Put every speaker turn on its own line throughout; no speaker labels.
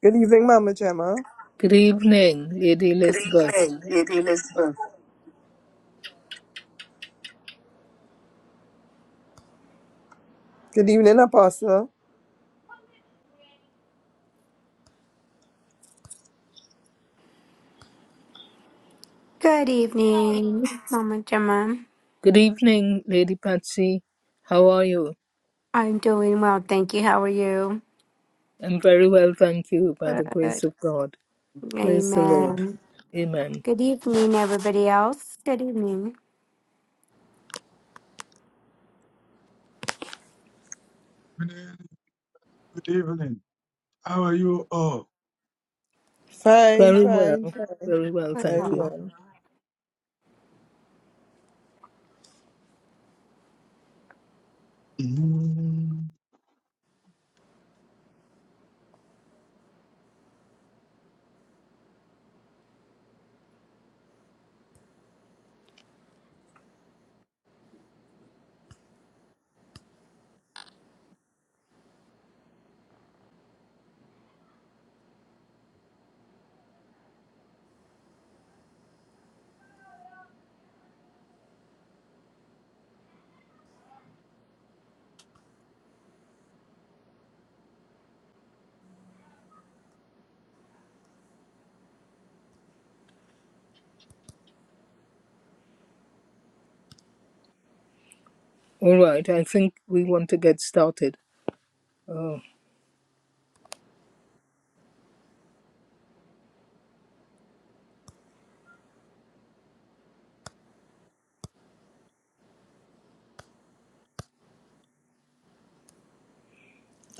Good evening, Mama Gemma.
Good evening, Lady
Good
Elizabeth.
evening, Lady Elizabeth. Good evening, Apostle.
Good evening, Mama Gemma.
Good evening, Lady Patsy. How are you?
I'm doing well, thank you. How are you?
I'm very well, thank you, by the grace
Good.
of God. Praise the Lord.
Amen.
Amen.
Good evening, everybody else. Good evening.
Good evening. Good evening. How are you all?
Fine,
Very
fine,
well,
fine.
very well,
Very
thank you.
well.
Mm.
All right, I think we want to get started. Oh,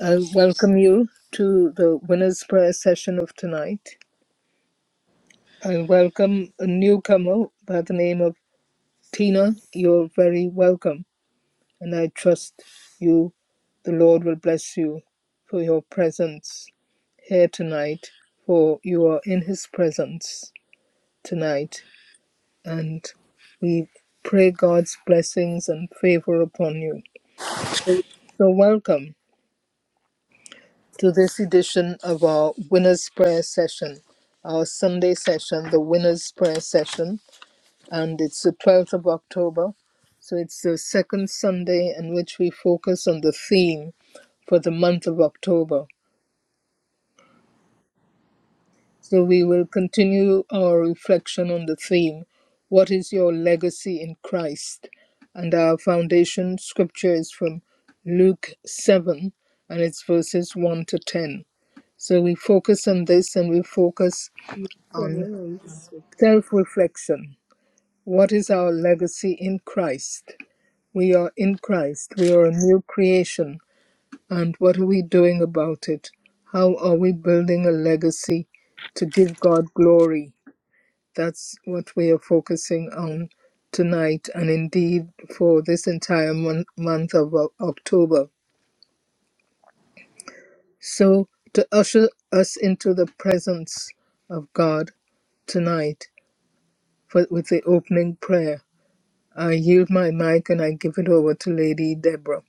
I welcome you to the winner's prayer session of tonight. I welcome a newcomer by the name of Tina. You're very welcome. and I trust you, the Lord will bless you for your presence here tonight, for you are in His presence tonight, and we pray God's blessings and favor upon you. So, welcome to this edition of our Winner's Prayer Session, our Sunday session, the Winner's Prayer Session. and it's the 12th of October. So it's the second Sunday in which we focus on the theme for the month of October. So we will continue our reflection on the theme, What is Your Legacy in Christ? And our foundation scripture is from Luke 7, and it's verses 1 to 10. So we focus on this and we focus
Several
on
weeks.
self reflection. What is our legacy in Christ? We are in Christ. We are a new creation. And what are we doing about it? How are we building a legacy to give God glory? That's what we are focusing on tonight and indeed for this entire mon- month of O- October. So, to usher us into the presence of God tonight for, with the opening prayer, I yield my mic and I give it over to Lady Deborah.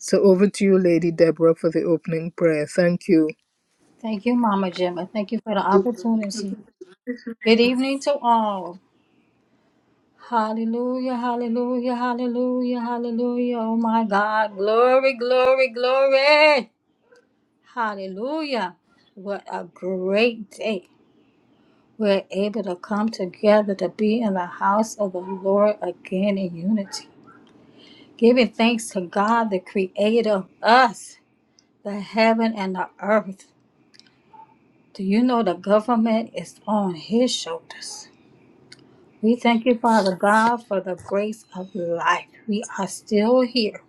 So over to you, Lady Deborah, for the opening prayer. Thank you.
Thank you, Mama Gemma. Thank you for the opportunity. Good evening to all. Hallelujah, hallelujah, hallelujah, hallelujah. Oh my God. Glory, glory, glory. Hallelujah. What a great day. We're able to come together to be in the house of the Lord again in unity, giving thanks to God, the creator of us, the heaven and the earth. Do you know the government is on his shoulders? We thank you, Father God, for the grace of life. We are still here.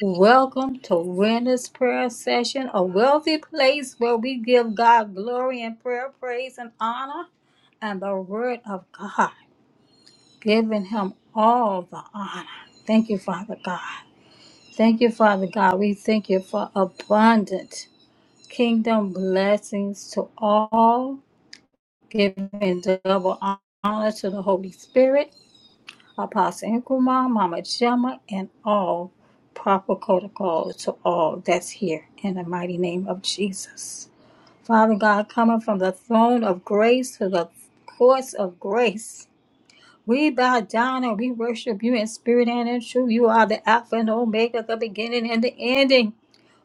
Welcome to Winners Prayer Session, a wealthy place where we give God glory and prayer, praise, and honor, and the Word of God, giving Him all the honor. Thank you, Father God. Thank you, Father God. We thank you for abundant kingdom blessings to all, giving double honor to the Holy Spirit Apostle Inkwama, Mama Gemma, and all proper protocols to all that's here in the mighty name of Jesus. Father God, coming from the throne of grace to the courts of grace, we bow down and we worship you in spirit and in truth. You are the Alpha and Omega, the beginning and the ending.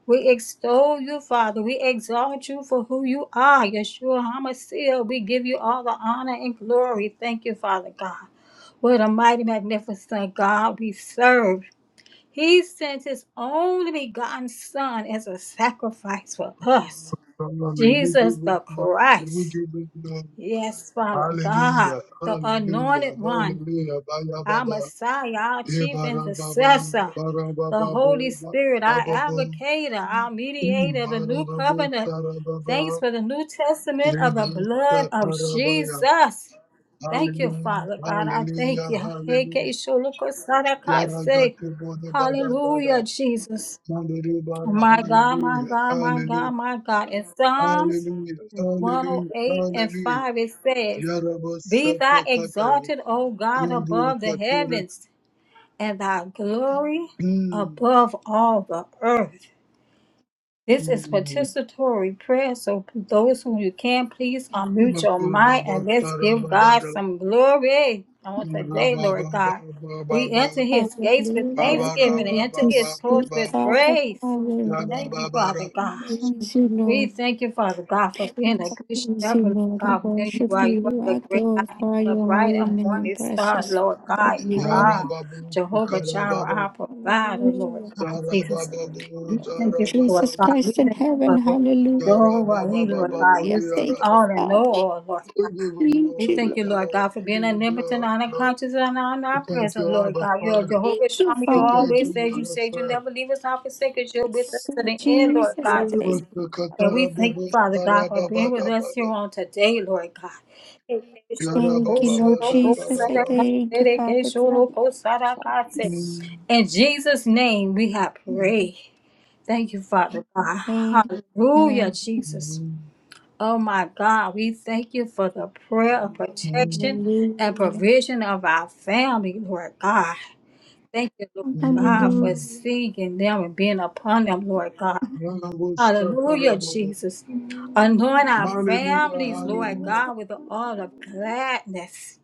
We extol you, Father. We exalt you for who you are, Yeshua HaMashiach. We give you all the honor and glory. Thank you, Father God. What a mighty, magnificent God we serve. He sent his only begotten Son as a sacrifice for us.
Father, may we
Jesus
give you
the
glory. May we
Christ.
give you glory.
Yes, Father God,
Hallelujah.
the
Hallelujah.
anointed one
Hallelujah. Baya
our
baba.
Messiah, our
Ye
chief
bara baba.
intercessor,
Bara
the
baba bo.
Holy
ba-
Spirit, our
Baba bo.
advocator, our
Mm.
mediator, the
Bara
new
babu.
covenant.
Tara
Thanks
baba.
for the New Testament of the
Lebru.
blood
ta-
of
Tara baya.
Jesus. Thank you,
Hallelujah.
Father God. I thank
Hallelujah.
you. Heke
Hallelujah.
sholuko
Yara
sarakase.
gate bo ne bada
Hallelujah,
gada.
Jesus. My God, my
Hallelujah.
God, my
Hallelujah.
God, my God. In Psalms
Hallelujah, hallelujah,
108 and
hallelujah.
5, it says, Be thou
Yarabashatakataya,
exalted, O God, above the
yandurakatura.
heavens and thy glory
Mm,
above all the earth. This is
mm.
participatory prayer, so those who you can, please unmute your mic and let's give God
Bakababasarababara,
some glory on today, Lord God. We
marabababababa,
enter his gates with
Hallelujah.
thanksgiving and
Glory
enter
to
his courts
sweet
babarababababa,
with
God the
praise. Thank you,
yarababara,
Father God.
Praise you,
We
Lord.
thank you, Father God, for being a good
Praise you,
shepherd,
Lord. I
God. There you
worship
are. You are
you.
the
I
great I am,
glorify
the
your
bright
holy
and
name,
morning star,
precious
Lord
Father
God.
in
You are
heaven.
Jehovah Jireh,
yarababukarababa,
our provider, Lord
Hallelujah.
God, Jesus.
zarabababu,
We thank
Lord
you, Lord
Jesus
zarabababa,
God. We
Christ in
thank you
heaven.
for
Hallelujah.
Jehovah, He, Lord God.
Hallelujah.
yarababababu,
You see
Thank you,
yaraba.
all and
Father.
know all, Lord
We give you
we
Thank you,
thank
glory,
you, Lord
Lord.
Lord.
God, for
We
being
give you
omnipotent,
glory, Lord.
unconscious, and
We thank
omnipresent,
you,
Lord
Abba
God. You are
Father.
Thank
Jehovah
you,
Shammah. You
We
Father.
thank
always
Thank
said
you,
you
you,
Abba
said you
Father.
never leave us nor forsake us. You're with us to
sweet
the end, Lord
Jesus. I
God,
thank
Jesus.
you.
And we thank you, Father God, for being with us here
Irubasakarababasarababadabada.
on today, Lord God.
Thank you, Lord Jesus. I
Yarabababadakaraba.
thank you, Father God.
Mm,
In Jesus' name we have
mm,
prayed. Thank you, Father God. Hallelujah,
Amen.
Jesus.
mm,
Oh my God, we thank you for the prayer of
mm,
protection and
Hallelujah.
provision of our family, Lord God. Thank you, Lord God, for
mm.
Hallelujah.
seeing them and being upon them, Lord God. Hallelujah,
Yarabushakarababa.
Jesus. Anoint our
Hallelujah.
Hallelujah,
families, Lord
hallelujah.
God, with the oil of gladness.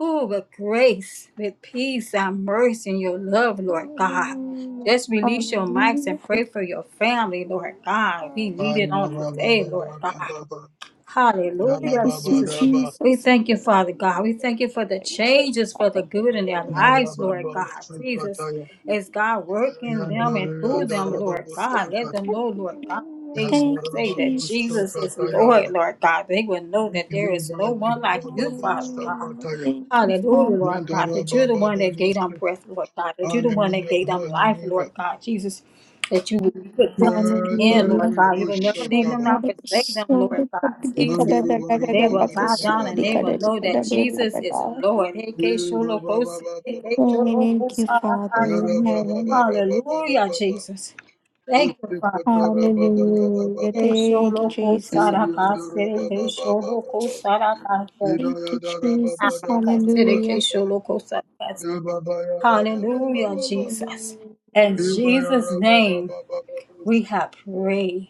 Ooh, with grace, with peace and mercy and your love,
Hallelujah.
Lord God.
Hallelujah.
Just release your mics and
Hallelujah.
pray for your family, Lord God. We need it on
Hallelujah.
today, Lord God.
Barababababababa.
Thank
Hallelujah,
you, sweet
Jesus.
Yarababadaba.
We
Jesus.
thank you, Father God.
Hallelujah.
We thank you for the changes for the
Father
good
God,
in
I
their
will
lives, Lord
sing.
God. Jesus,
Yarababasukataya.
as God work in them and
Yandere
through
Yes,
them, Lord
yes.
God, let
yandarababasukata.
them know, Lord God,
Hallelujah.
they should
Thank you,
say that Jesus
Jesus.
is Lord,
Yandarababasukata
Lord God. They will know that there is no one like you, Father God.
Hallelujah.
Yandarababushtakataya.
Thank you,
Hallelujah,
Father.
Lord God, that you're the one that gave them
Yandarabababushtak-
breath, Lord God, that you're the one that
Hallelujah,
gave them life, Lord
hallelujah.
God, Jesus, that you would put them to the
Yes,
end, Lord
Hallelujah.
God.
hallelujah.
You will never leave them
Bushtakaba.
nor
Shambhala
forsake them, Lord
kasori
God,
kadidi
ba
Jesus.
kadada kadada
They will bow down and
bakasori
they will
kadada
know that
kadada
Jesus is
kadada.
Lord.
Yebababababababa.
Thank you, Father
Yarabababarabababa. ba ba
in
ba ba ba ba. Yara ba ba ba
heaven.
ra ba ba ra
Hallelujah,
ba ba.
Jesus. Thank you,
Usti
Father God.
patara ba ba ya ra ba
Hallelujah.
ba.
Te
Thank you,
sholo ko
Jesus.
Edi
And
andara ba
sarakase, te
ba
hallelujah.
ba ba
sholo
ba
ko
ba.
sarakase.
Ida
Thank
ya
you,
da ra ba ba
Jesus.
da ba da ba da
Hallelujah.
ba. Ya ba ba ya ra ba ba ba
Hallelujah,
ba ba.
Jesus.
Hallelujah.
In
Ye ba ya
Jesus'
ra ba ba
name,
ba ba ba.
we have prayed.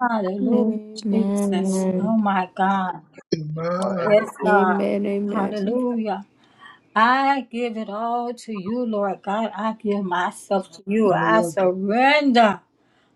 Hallelujah, Jesus. Oh
Amen.
my God.
on
Emma,
anything
Yes, God.
Amen. Amen.
Hallelujah. I give it all to you, Lord God. I give myself to you. I
Mayaka,
surrender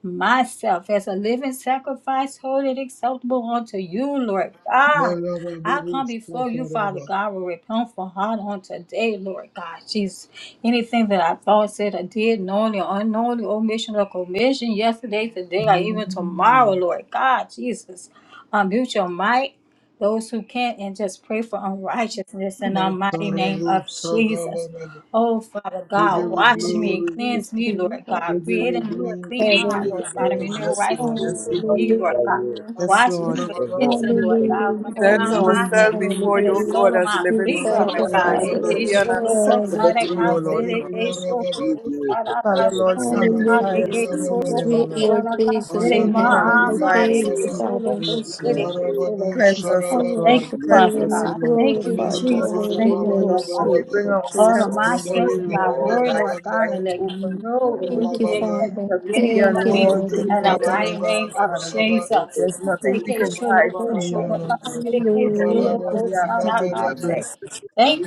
myself as a living sacrifice, holy and acceptable unto you, Lord God.
Mayaba
I come
Bubus,
before you, Father
Wataraba,
God, with repentful heart on today, Lord God. Jesus, anything that I thought, said, or did, knowingly or unknowingly, omission or commission, yesterday, today, or even tomorrow, Lord God, Jesus. Unmute your mic those who can't and just pray for unrighteousness in the mighty name of
Matarabu,
Jesus.
Sagalaba.
Oh, Father
We give
God,
you
wash me
Hallelujah.
and
glory,
cleanse me,
King
Lord
of
God.
we give
Create
you
in me a
glory,
clean
we
heart,
give
Heaven.
Lord
you
God, and
glory,
renew a
Yes,
right spirit
Lord.
to
Yes,
we
Lord.
give
you,
you
Lord
about
God.
glory,
you.
Hallelujah.
Yes,
Wash
Lord.
Ancient of
me with
There's no
hyssop,
Everlasting,
Lord
anything to
God, from
Hallelujah.
the
explain.
Present
crown of
we give
my
you
head
Hallelujah.
ourselves
glory,
to
before
the
your
Hallelujah.
God,
sole of
as a
my
Sweet
living
feet, Lord
God, the
God.
Yarababu,
sacrifice,
Thank
Father
you,
Baraba,
holy
in
and acceptable
heaven.
to you, O Lord
Yarababu,
God.
Yarababa,
You do it for
Father, Lord,
everything that you
sanctify
Yarababu,
do.
us this
Hallelujah.
You
Yarababa,
evening, O
for
Sweet
Lord.
Lord
everything.
Jesus in
Mayaka,
heaven,
Bubu,
I
Sanctify us
thank
this
you,
Yakababa,
evening, O
Father.
Lord
You do,
God.
it. you
Yarababu,
Cleanse
I
us, O
Sarababa,
God.
worship
do
Cleanse
you
Father
us,
and
it
I
O
God.
Lord.
for
Thank you,
Amen.
glorify
Cleanse us.
your
Jesus.
holy
Thank you,
name,
Lord God.
As
your
we
sweet
bring
Lord
All of
ourselves
all
my
Jesus.
before
strength
you,
and
glory,
thy
Lord,
all
of
word, Lord
life,
the
I
God, and
can
let
open,
me
book,
know and
Lord.
this
Thank
is
you,
God.
the
opportunities.
Father.
You
dominion
see
over
and
Thank
Like
know
you,
me
this
all
Lord
things
in
in the
and see
heaven.
mighty
them as
name
they
of
are, Lord.
Jesus.
There's
you said
nothing
Thank
we can hide from you, Lord,
the beginning
Lord
of
God, Father.
Hallelujah.
So we ask you
your
to
journey.
bless us.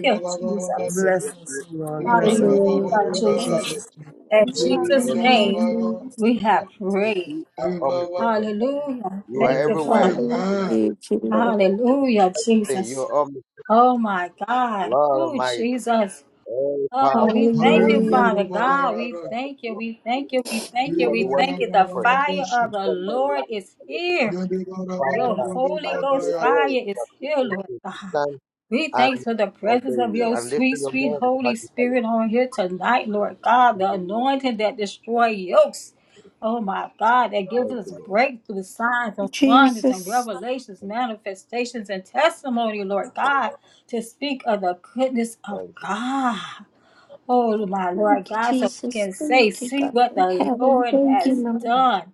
you,
And it's
Jesus.
a
Bless
victory
us, O Lord. Bless us, O Lord.
for
Hallelujah,
Hallelujah.
all
Hallelujah.
In
In
Jesus.
Jesus' name.
In
the
the
Mighty
Jesus'
world. So, you
name of
name,
Jesus.
we have
have to do.
prayed.
you- are the most of the things that you are omnipresent.
Hallelujah.
You are
Thank you,
Amen.
everywhere.
Father.
You
Father,
God.
I
are
need
doing
you, Lord.
Hallelujah,
everything. You
Jesus.
are omnipresent.
Oh my God.
Lord
Oh,
Almighty,
Jesus.
all
Oh,
power,
we thank
all
you,
wisdom,
Hallelujah.
Father
Mayanduru
all
Baba
God. We
Yara,
thank you. We
understanding.
thank you. We thank
You
you.
are
We
the
Eva
one
thank
that
you.
Rabba
you
The
pray.
Baba
fire
Bushi,
of
And
the
somebody
Lord
like
is
you that is
here.
Yandura Baba
Your
Father,
Dudu
by
Holy
your
Ghost
Baba
fire
grace,
is
but we
here,
thank
Lord
you to
God.
stand
We thanks
and
for the presence
obey
of
you.
your
And lift
sweet,
your
sweet
name and
Holy
magnify your
Spirit on here tonight, Lord God.
holy
The
name.
anointing that destroy yokes. Oh my God, that gives
Thank
us
you, Lord.
breakthrough signs and wonders and
Jesus.
revelations,
Thank you,
manifestations and testimony, Lord
thank you,
God, to speak of the goodness of
thank you.
God. Oh, my Lord
Thank you,
God, so we
Jesus.
can say,
Thank you,
see
God
what
in
the
heaven.
Lord
Thank you,
has
Lord.
done.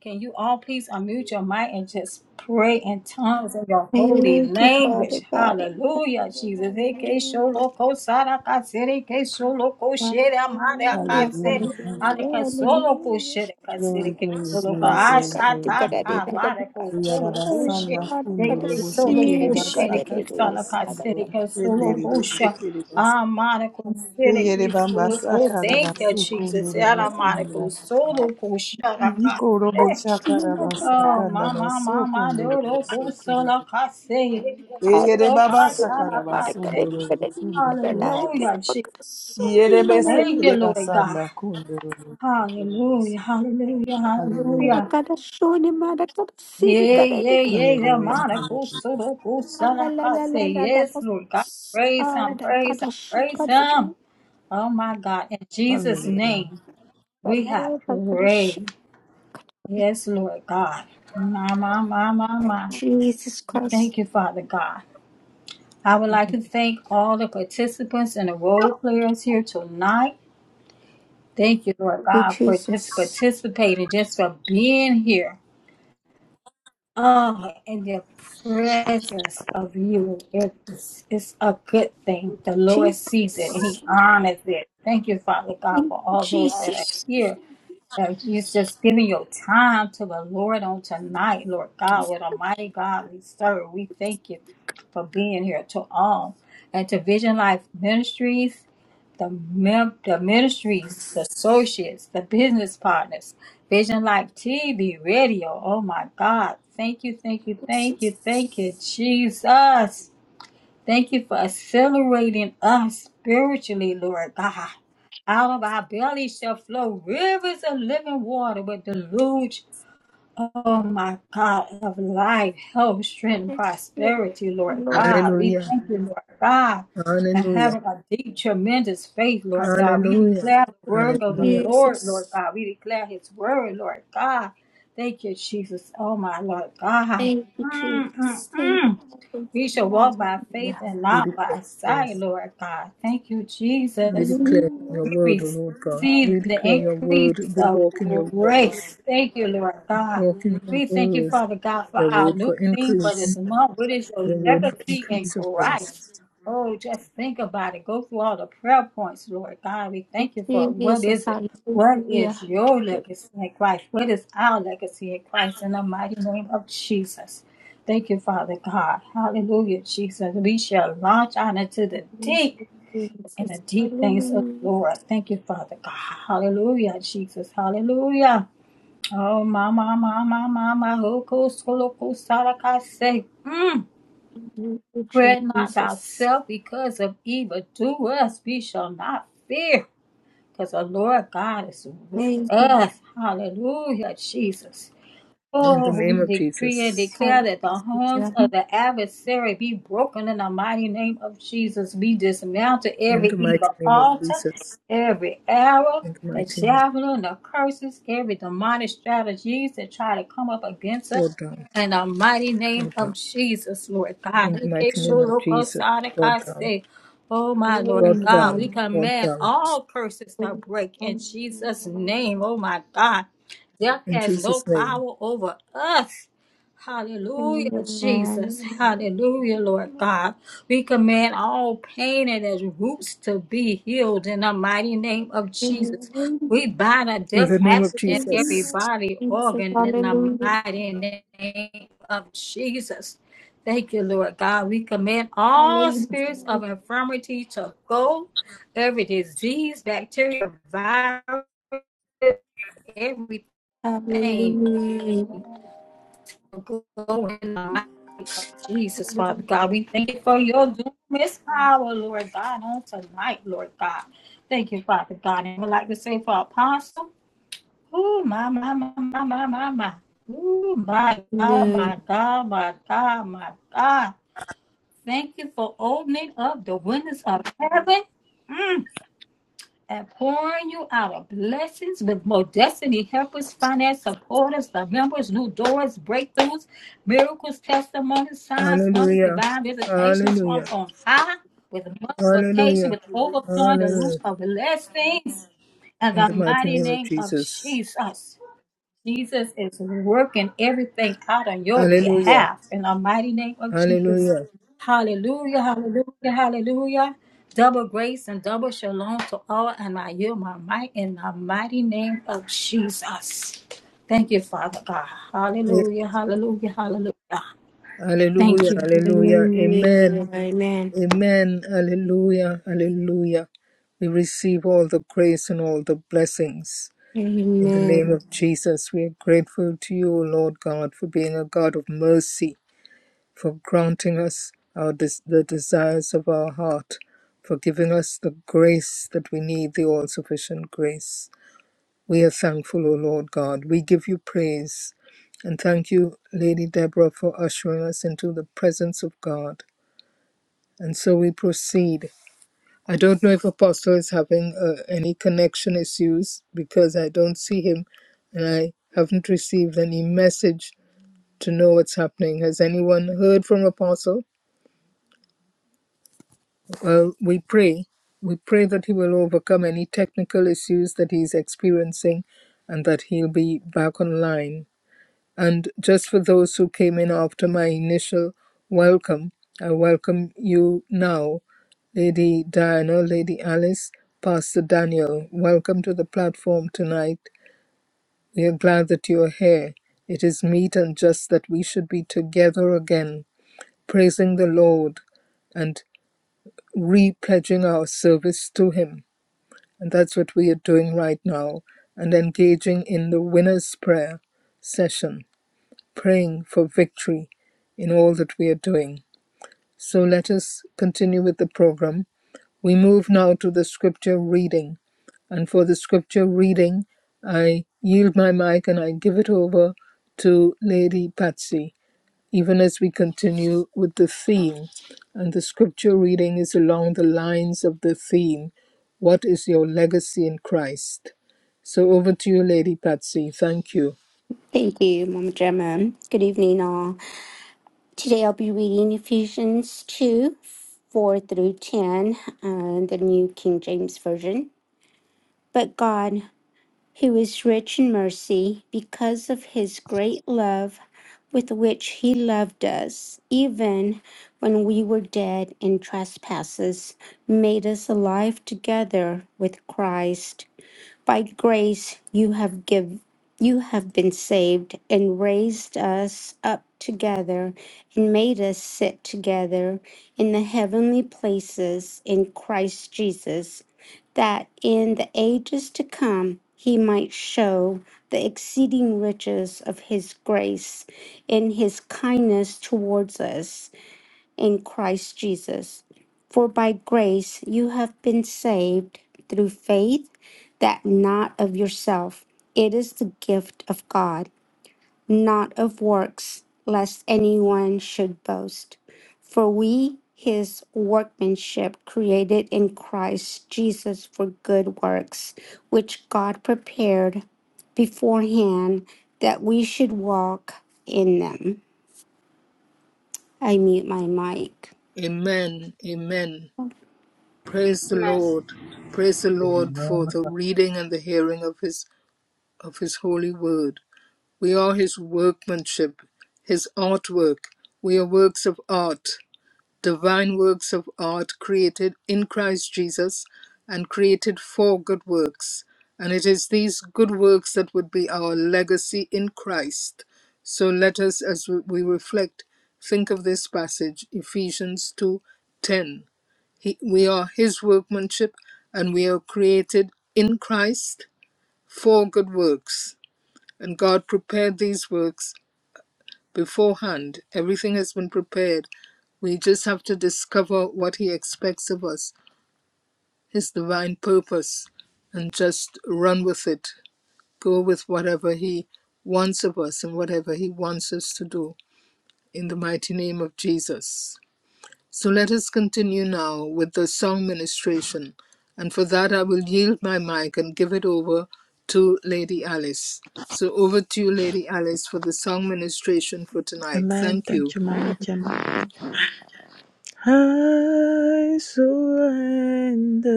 Can you all please unmute your mic and just pray in tongues in your holy
Thank you, Father
language?
God.
Hallelujah, Jesus. Eke
Hallelujah.
sholoko saraka sereke sholoko shera maraka
Hallelujah.
se.
Hallelujah. Thank you.
Aleka
Hallelujah.
soloko
Hallelujah.
shereka
Glory,
sereke
glory,
sholoko
glory,
Sorry,
glory,
kada di
glory,
ashata
kada di
glory.
ka
kada di
marako
kada
We are the
soloko
sorry,
son
she.
of
kada kada
Kundoro,
Eke
si
soloko
Boshikiri,
di kada
Basaka,
di
shereke
di
saraka
kada
Basundoro,
kada.
sereke
Kendiri,
soloko she.
Sikiri,
Amaraco
Yere
sereki
bamba
soloco.
sakara
Thank you, Jesus.
basukundo robo
Aramaraco
sindira bamba.
soloco sharaka.
Iko robo shakara
Oh,
basakanda
mama, mama,
basukundo robo
doroko
sokoro.
soloca se.
I
Yere baba
Soloca
sakara
sharaka se.
basundo robo sundo kura bas.
Hallelujah, Jesus.
Yere bese
Thank you,
kere
Sorry,
Lord God.
basanda kundo robo sokoro
Hallelujah,
so.
hallelujah,
Hallelujah.
hallelujah.
Alakada shoni marakada siri
Yay,
kada di
yay,
kada.
yay,
Hallelujah.
Amaraco
Hallelujah.
soloco
La la la
sharaka
la
se.
la la
Yes,
la
Lord God. Praise Him,
Ada
praise Him,
kada shi
praise
kada di.
Him. Oh, my God. In Jesus'
Hallelujah.
name. We
Kada
have
kada shi
prayed.
kada.
Yes, Lord God. My, my, my, my, my.
Jesus Christ.
Thank you, Father God. I would like to thank all the participants and the role players here tonight. Thank you, Lord
You
God, for just
Jesus.
participating, just for being here. Oh, in the presence of you, it's, it's a good thing. The Lord sees it and
Jesus.
He honors it. Thank you, Father God,
Thank
for
you,
all those that are
Jesus.
here that you're just giving your time to the Lord on tonight, Lord God, with Almighty God we serve. We thank you for being here to all and to Vision Life Ministries, the mem- the ministries, the associates, the business partners, Vision Life TV, radio. Oh my God! Thank you, thank you, thank you, thank you, Jesus. Thank you for accelerating us spiritually, Lord God. Out of our belly shall flow rivers of living water with deluge Oh, my God of life, health, strength, and
Yes, Thank
prosperity,
you,
Lord
Lord.
God. We
Hallelujah.
thank you, Lord God, and
Hallelujah.
having a deep, tremendous faith, Lord God. We
Hallelujah.
declare the work of the
Hallelujah.
Lord, Lord
Jesus.
God. We declare his word, Lord God. Thank you, Jesus. Oh, my Lord God.
Thank you,
Mm, mm,
Jesus. Thank you.
mm.
Lord.
We shall walk by faith
Hallelujah.
and
We
not
declare,
by sight,
yes.
Lord God. Thank you,
we
Jesus.
declare
Hallelujah.
your
We
word, O Lord God.
receive
We
the
declare your
increase
word. We
of
walk in your word.
grace. Thank you, Lord God.
Walk in your
We thank you,
word.
Father God, for
Your
our
word
new
for
theme for this
increase.
month. What is your
Your word for
legacy in
increase of grace.
Christ? Oh, just think about it. Go through all the prayer points, Lord God. We thank you for what
Jesus.
is it? What is
Hallelujah.
your legacy in Christ? What is our legacy in Christ in the mighty name of Jesus? Thank you, Father God. Hallelujah, Jesus. We shall launch out into the
Thank
deep
you,
and a
Jesus.
deep thanks, oh
Hallelujah.
Lord. Thank you, Father God. Hallelujah, Jesus. Hallelujah. Oh, my, my, my, my, my, my. Oh, go, solo, go, sala, I say. Mm.
Thank you,
Fret not
Jesus.
thyself because of evil. Do us, we shall not fear. Because the Lord God is with
Thank you.
us. Hallelujah, Jesus.
In
Oh,
the
we
name of
decree and
Jesus.
declare that the horns
Hallelujah.
of the adversary be broken in the mighty name of Jesus. We dismantle
In
every
the mighty
evil
name of
altar,
Jesus.
every arrow,
In the
the
mighty name.
javelin, the curses, every demonic strategies that try to come up against us.
Brought down.
In the mighty name
Brought
of
down.
Jesus, Lord God.
In the mighty name of Jesus. Brought down.
Oh, my Lord
brought
God, we
down,
Amen.
brought
command
down.
all curses to break in
Amen.
Jesus' name. Oh, my God. Death
In
has no
Jesus' name.
power over us. Hallelujah, Jesus.
Amen.
Hallelujah, Lord God. We command all pain and its roots to be healed in the mighty name of Jesus. We bind a
In
death
the name of
accident every
Jesus.
Amen.
body
Jesus.
organ in the
Hallelujah.
mighty name of Jesus. Thank you, Lord God. We command
Hallelujah.
all spirits of
Hallelujah.
infirmity to go, every disease, bacteria, virus, everything
Hallelujah. Hallelujah.
Glory in Jesus, Father God. We thank you for your dunamis power, Lord God, on tonight, Lord God. Thank you, Father God. And I would like to say for Apostle, ooh, my, my, my, my, my, my, my. Ooh, my God, my God, my God, my God. Thank you for opening up the windows of heaven. Mm and pouring you out of blessings with more destiny, helpers, finance, supporters, the members, new doors, breakthroughs, miracles, testimonies, signs, wonders,
Hallelujah.
divine visitations from
Hallelujah.
on high, with multiplication,
Hallelujah.
with overflowing the loose
Hallelujah.
of blessings, in
In the
the
mighty
mighty
name of
name of
Jesus.
Jesus. Jesus is working everything out on your
Hallelujah.
behalf in the mighty name of Jesus.
Hallelujah.
Hallelujah, hallelujah, hallelujah. Double grace and double shalom to all and I yield my might in the mighty name of Jesus. Thank you, Father God.
Eh,
Hallelujah, hallelujah, hallelujah. Thank
Hallelujah.
you.
Hallelujah. Amen.
Amen.
Amen. Hallelujah. Hallelujah. We receive all the grace and all the blessings. In the name
Amen.
of Jesus, we are grateful to you, O Lord God, for being a God of mercy for granting us our des- the desires of our heart, for giving us the grace that we need, the all sufficient grace. We are thankful, O Lord God. We give you praise. And thank you, Lady Deborah, for ushering us into the presence of God. And so we proceed. I don't know if Apostle is having uh, any connection issues because I don't see him and I haven't received any message to know what's happening. Has anyone heard from Apostle? Well, we pray. We pray that he will overcome any technical issues that he's experiencing and that he'll be back online. And just for those who came in after my initial welcome, I welcome you now, Lady Diana, Lady Alice, Pastor Daniel. Welcome to the platform tonight. We are glad that you are here. It is meet and just that we should be together again, praising the Lord and repledging our service to Him. And that's what we are doing right now and engaging in the winner's prayer session, praying for victory in all that we are doing. So let us continue with the program. We move now to the scripture reading. And for the scripture reading, I yield my mic and I give it over to Lady Patsy even as we continue with the theme. And the scripture reading is along the lines of the theme What is your legacy in Christ? So over to you, Lady Patsy. Thank you.
Thank you, Mama Gemma. Good evening, all. Today I'll be reading Ephesians 2 4 through 10, uh, the New King James Version. But God, who is rich in mercy, because of his great love with which he loved us, even when we were dead in trespasses, made us alive together with Christ. By grace you have give you have been saved and raised us up together and made us sit together in the heavenly places in Christ Jesus, that in the ages to come he might show the exceeding riches of his grace in his kindness towards us in Christ Jesus. For by grace you have been saved through faith, that not of yourself. It is the gift of God, not of works, lest anyone should boast. For we, his workmanship, created in Christ Jesus for good works, which God prepared beforehand that we should walk in them. I mute my mic.
Amen. Amen. Praise the
Amen.
Lord. Praise the Lord
Yara.
for the reading and the hearing of his of his holy word. We are his workmanship, his artwork. We are works of art. divine works of art created in Christ Jesus and created for good works. And it is these good works that would be our legacy in Christ. So let us, as we we reflect, think of this passage, Ephesians 2:10. He, we are his workmanship and we are created in Christ for good works. And God prepared these works beforehand. Everything has been prepared. We just have to discover what He expects of us, His divine purpose, and just run with it. Go with whatever He wants of us and whatever He wants us to do in the mighty name of Jesus. So let us continue now with the song ministration. And for that, I will yield my mic and give it over to Lady Alice. So over to you, Lady Alice, for the song ministration for tonight.
Amen.
Thank you.
Thank you, Mama Gemma. I surrender.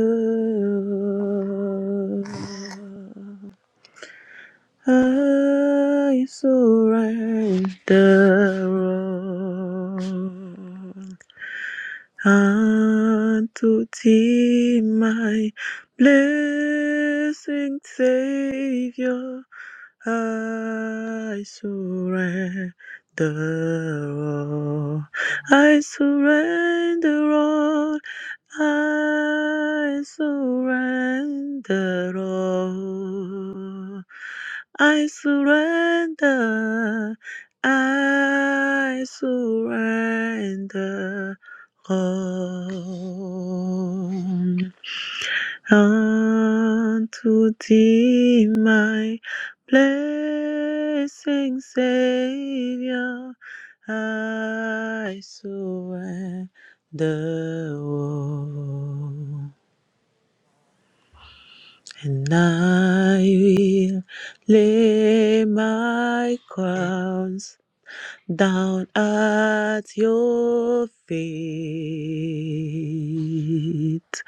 I surrender. all. And to thee, my blessed Savior, I surrender all. I surrender all. I surrender all. I surrender. I surrender own. Unto thee, my blessing Savior, I surrender all, and I will lay my crown down at your feet.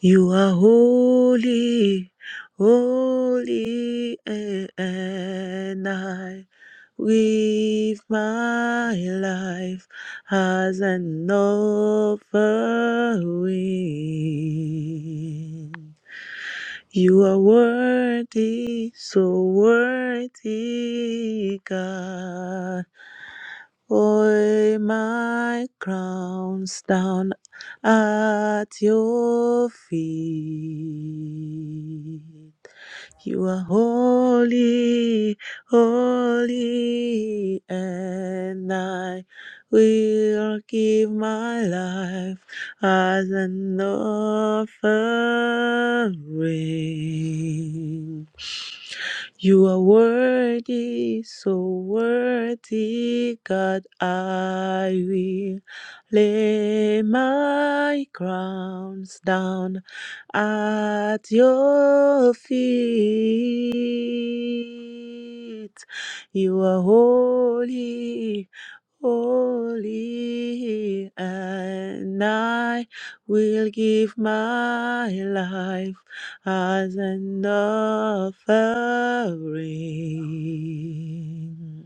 You are holy, holy, and I with my life as an offering. You are worthy, so worthy, God. Oil my crowns down at your feet. You are holy, holy, and I will give my life as an offering. You are worthy, so worthy, God. I will lay my crowns down at your feet. You are holy holy, and I will give my life as an offering.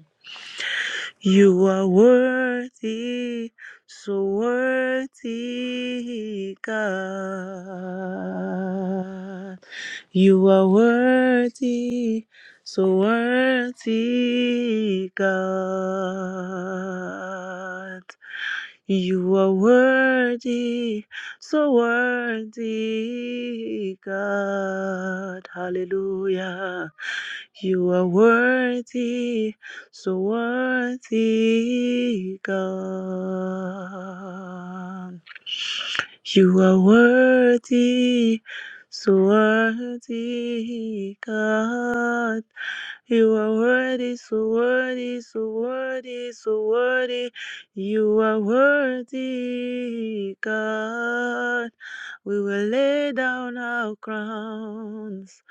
You are worthy, so worthy, God. You are worthy, so worthy, God. You are worthy, so worthy, God. Hallelujah. You are worthy. So worthy, God. You are worthy, so worthy, God. You are worthy, so worthy, so worthy, so worthy. You are worthy, God. We will lay down our crowns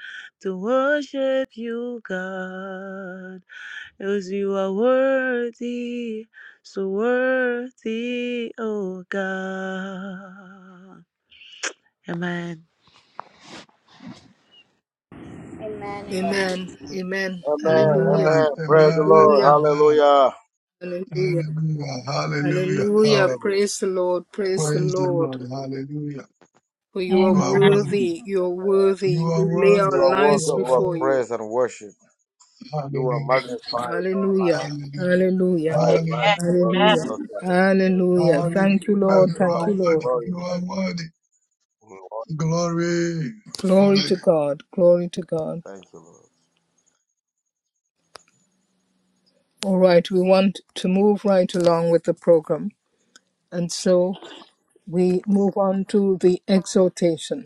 to worship you, God. Because you are worthy, so worthy, oh God. Amen.
Amen. Amen.
Amen. Amen.
Amen.
Hallelujah.
Amen.
Amen,
Praise the
amen,
Lord.
Hallelujah.
amen.
Hallelujah.
Hallelujah.
Hallelujah, hallelujah,
Hallelujah.
hallelujah.
Hallelujah.
Praise the Lord. Praise the
Praise the
Lord.
Lord, hallelujah.
For you are
You
Amen.
are worthy,
worthy. You are
you
worthy. We
are
lay
worthy,
You
our
are
you
worthy
lives
are
of our
before
worthy.
you.
praise and worship. You are
Hallelujah,
magnified in our life.
Hallelujah.
hallelujah,
Hallelujah.
Right.
The life
hallelujah,
is worthy of
Hallelujah.
the Christian.
Hallelujah.
hallelujah.
Thank you, Lord.
You
Thank
are
you,
magnified. Be
Lord.
worthy,
glorious.
you are worthy.
We want you.
Glory,
Glory
hallelujah.
to God. Glory to God.
Thank you, Lord.
All right. We want to move right along with the program. And so we move on to the exhortation.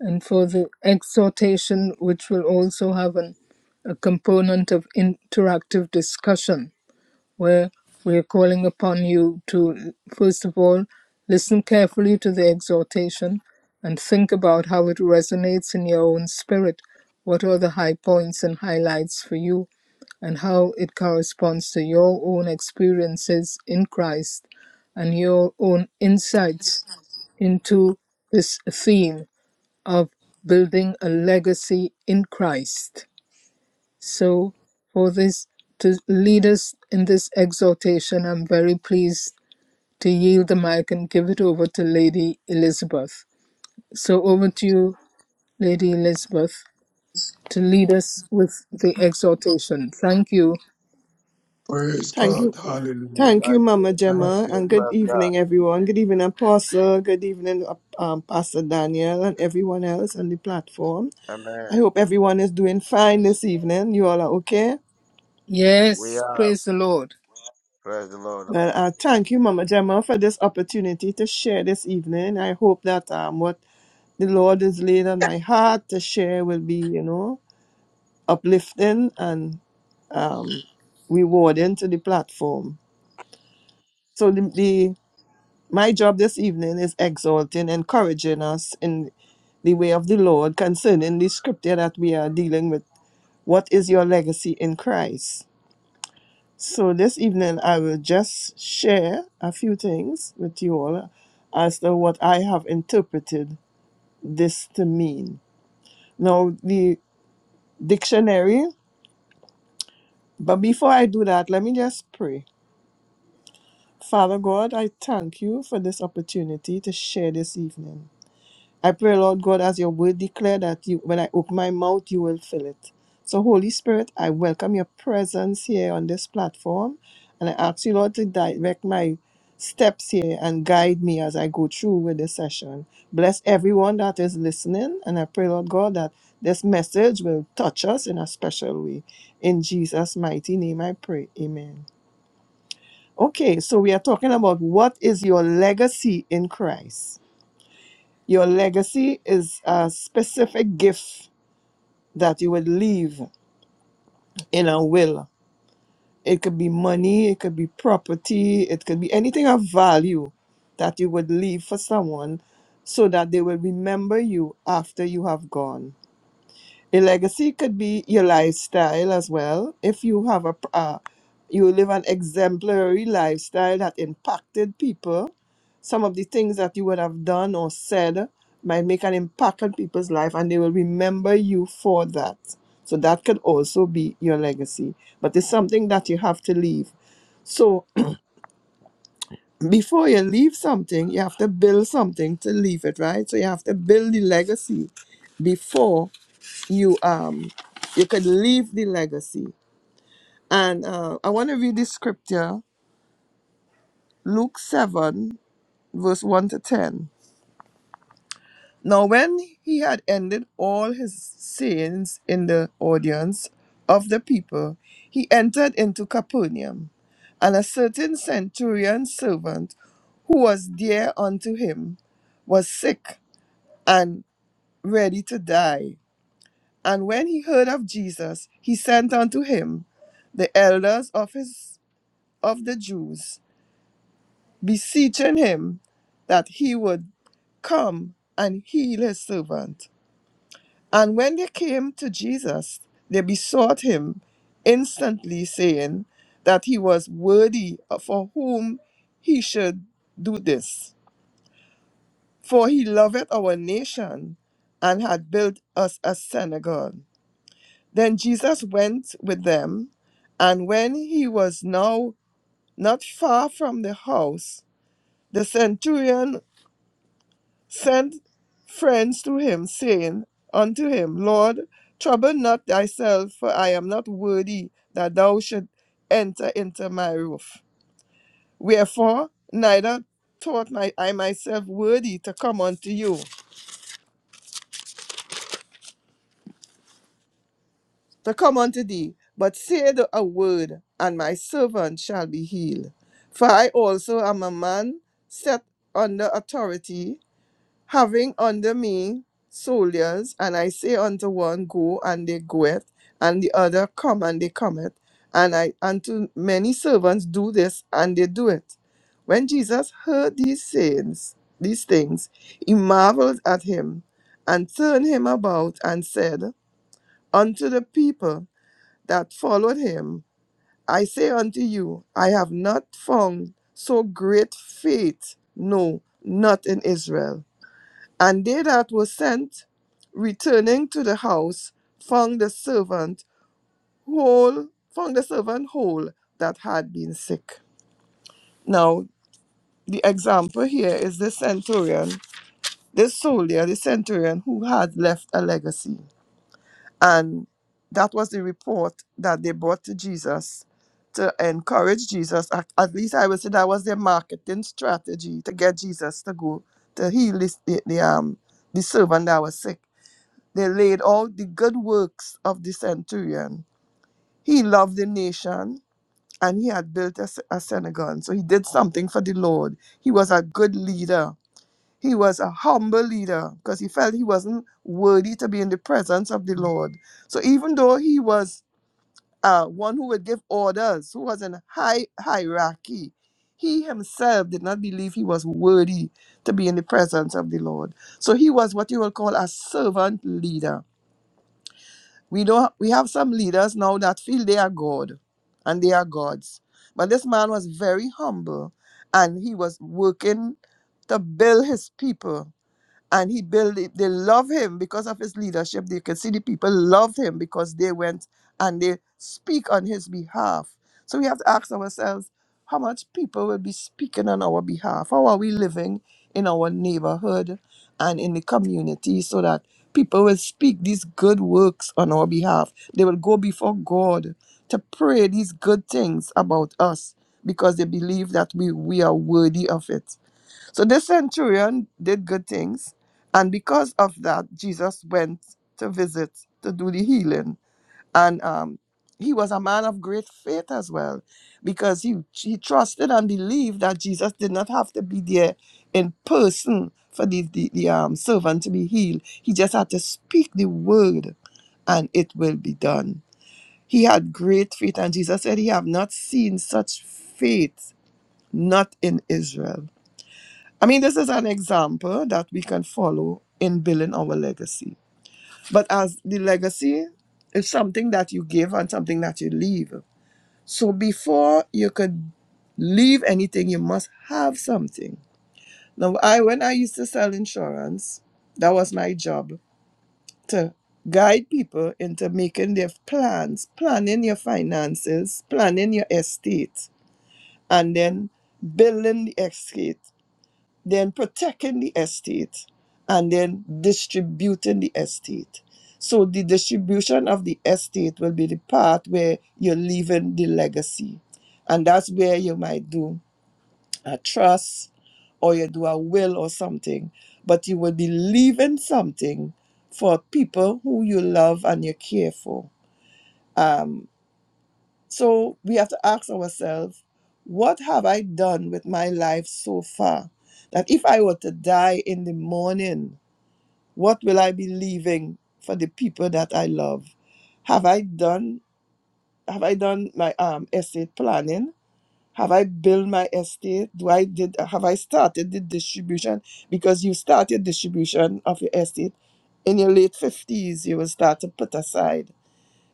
and for the exhortation, which will also have an, a component of interactive discussion, where we're calling upon you to, first of all, listen carefully to the exhortation and think about how it resonates in your own spirit. What are the high points and highlights for you, and how it corresponds to your own experiences in Christ and your own insights into this theme of building a legacy in Christ. So, for this to lead us in this exhortation, I'm very pleased to yield the mic and give it over to Lady Elizabeth. So, over to you, Lady Elizabeth, to lead us with the exhortation. Thank you.
Praise
Thank
God,
you.
hallelujah.
Thank you,
Thank you.
Mama
Thank
Thank
Gemma,
you.
you,
and good
Praise God.
evening, everyone. Good evening, Apostle. Good evening, um, Pastor Daniel, and everyone else on the platform.
Amen.
I hope everyone is doing fine this evening. You all are okay.
We
Yes,
are.
praise the Lord.
Praise the Lord.
Well, uh, thank you, Mama Gemma, for this opportunity to share this evening. I hope that um, what the Lord has laid on my heart to share will be, you know, uplifting and um, rewarding to the platform. So the, the my job this evening is exalting, encouraging us in the way of the Lord concerning the scripture that we are dealing with. What is your legacy in Christ? So this evening, I will just share a few things with you all as to what I have interpreted this to mean. Now, the dictionary, but before I do that, let me just pray. Father God, I thank you for this opportunity to share this evening. I pray, Lord God, as your word declare that you, when I open my mouth, you will fill it. So, Holy Spirit, I welcome your presence here on this platform. And I ask you, Lord, to direct my steps here and guide me as I go through with this session. Bless everyone that is listening. And I pray, Lord God, that this message will touch us in a special way. In Jesus' mighty name, I pray. Amen. Okay, so we are talking about what is your legacy in Christ. Your legacy is a specific gift that you would leave in a will. It could be money, it could be property, it could be anything of value that you would leave for someone so that they will remember you after you have gone. A legacy could be your lifestyle as well. If you have a, pr- uh, you live an exemplary lifestyle that impacted people, some of the things that you would have done or said might make an impact on people's life and they will remember you for that. So that could also be your legacy, but it's something that you have to leave. So before you leave something, you have to build something to leave it, right? So you have to build the legacy before you um you could leave the legacy. And uh, I want to read the scripture, Luke seven, verse one to ten. Now when he had ended all his sayings in the audience of the people, he entered into Capernaum, and a certain centurion servant who was dear unto him was sick and ready to die And when he heard of Jesus, he sent unto him the elders of his of the Jews, beseeching him that he would come and heal his servant. And when they came to Jesus, they besought him instantly, saying that he was worthy for whom he should do this. For he loveth our nation and had built us a synagogue. Then Jesus went with them, and when he was now not far from the house, the centurion sent friends to him, saying unto him, Lord, trouble not thyself, for I am not worthy that thou should enter into my roof. Wherefore, neither thought my, I myself worthy to come unto you, to come unto thee, but say the, a word, and my servant shall be healed. For I also am a man set under authority, having under me soldiers, and I say unto one, Go, and they goeth, and the other, Come, and they cometh. And I unto many servants do this, and they do it. When Jesus heard these sayings, these things, he marveled at him, and turned him about, and said unto the people, that followed him, I say unto you, I have not found so great faith, no, not in Israel. And they that were sent, returning to the house, found the servant whole, found the servant whole that had been sick. Now, the example here is the centurion, this soldier, the centurion who had left a legacy. And that was the report that they brought to Jesus to encourage Jesus. At, at least I would say that was their marketing strategy to get Jesus to go to heal this, the, the, um, the servant that was sick. They laid all the good works of the centurion. He loved the nation and he had built a sy- a synagogue. So he did something for the Lord. He was a good leader he was a humble leader because he felt he wasn't worthy to be in the presence of the Lord. So even though he was uh, one who would give orders, who was in high hierarchy, he himself did not believe he was worthy to be in the presence of the Lord. So he was what you will call a servant leader. We know we have some leaders now that feel they are God and they are gods. But this man was very humble and he was working to build his people and he built they love him because of his leadership they can see the people loved him because they went and they speak on his behalf so we have to ask ourselves how much people will be speaking on our behalf how are we living in our neighborhood and in the community so that people will speak these good works on our behalf they will go before god to pray these good things about us because they believe that we, we are worthy of it so this centurion did good things, and because of that, Jesus went to visit to do the healing. And um, he was a man of great faith as well, because he he trusted and believed that Jesus did not have to be there in person for the the, the um, servant to be healed. He just had to speak the word, and it will be done. He had great faith, and Jesus said, "He have not seen such faith, not in Israel." I mean, this is an example that we can follow in building our legacy. But as the legacy is something that you give and something that you leave. So before you could leave anything, you must have something. Now, I when I used to sell insurance, that was my job to guide people into making their plans, planning your finances, planning your estate, and then building the estate then protecting the estate, and then distributing the estate. So the distribution of the estate will be the part where you're leaving the legacy. And that's where you might do a trust or you do a will or something. But you will be leaving something for people who you love and you care for. Um. So we have to ask ourselves, what have I done with my life so far? That if I were to die in the morning, what will I be leaving for the people that I love? Have I done have I done my um estate planning? Have I built my estate? Do I did have I started the distribution? Because you started distribution of your estate in your late fifties, you will start to put aside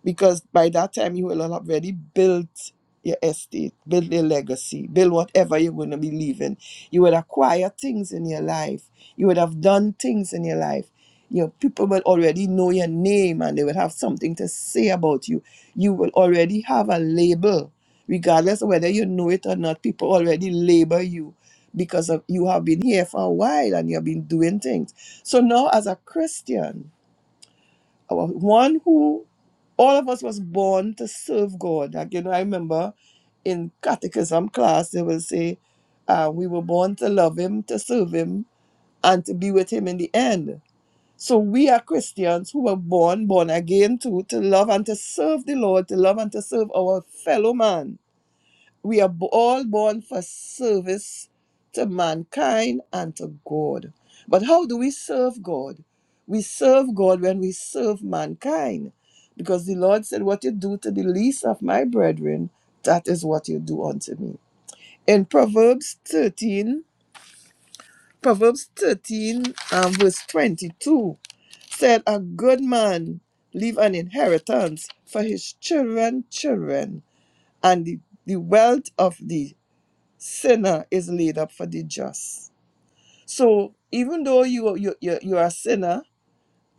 because by that time you will have already built your estate, build your legacy, build whatever you're going to be leaving. You will acquire things in your life. You would have done things in your life. Your people will already know your name and they will have something to say about you. You will already have a label, regardless of whether you know it or not. People already label you because of you have been here for a while and you have been doing things. So now, as a Christian, our one who all of us was born to serve God. Like you know, I remember in catechism class they will say, uh, we were born to love him, to serve him, and to be with him in the end. So we are Christians who were born, born again to to love and to serve the Lord, to love and to serve our fellow man. We are bo- all born for service to mankind and to God. But how do we serve God? We serve God when we serve mankind. Because the Lord said, What you do to the least of my brethren, that is what you do unto me. In Proverbs 13, Proverbs 13, um, verse 22, said, A good man leave an inheritance for his children, children, and the, the wealth of the Sinner is laid up for the just. So even though you you you you are a sinner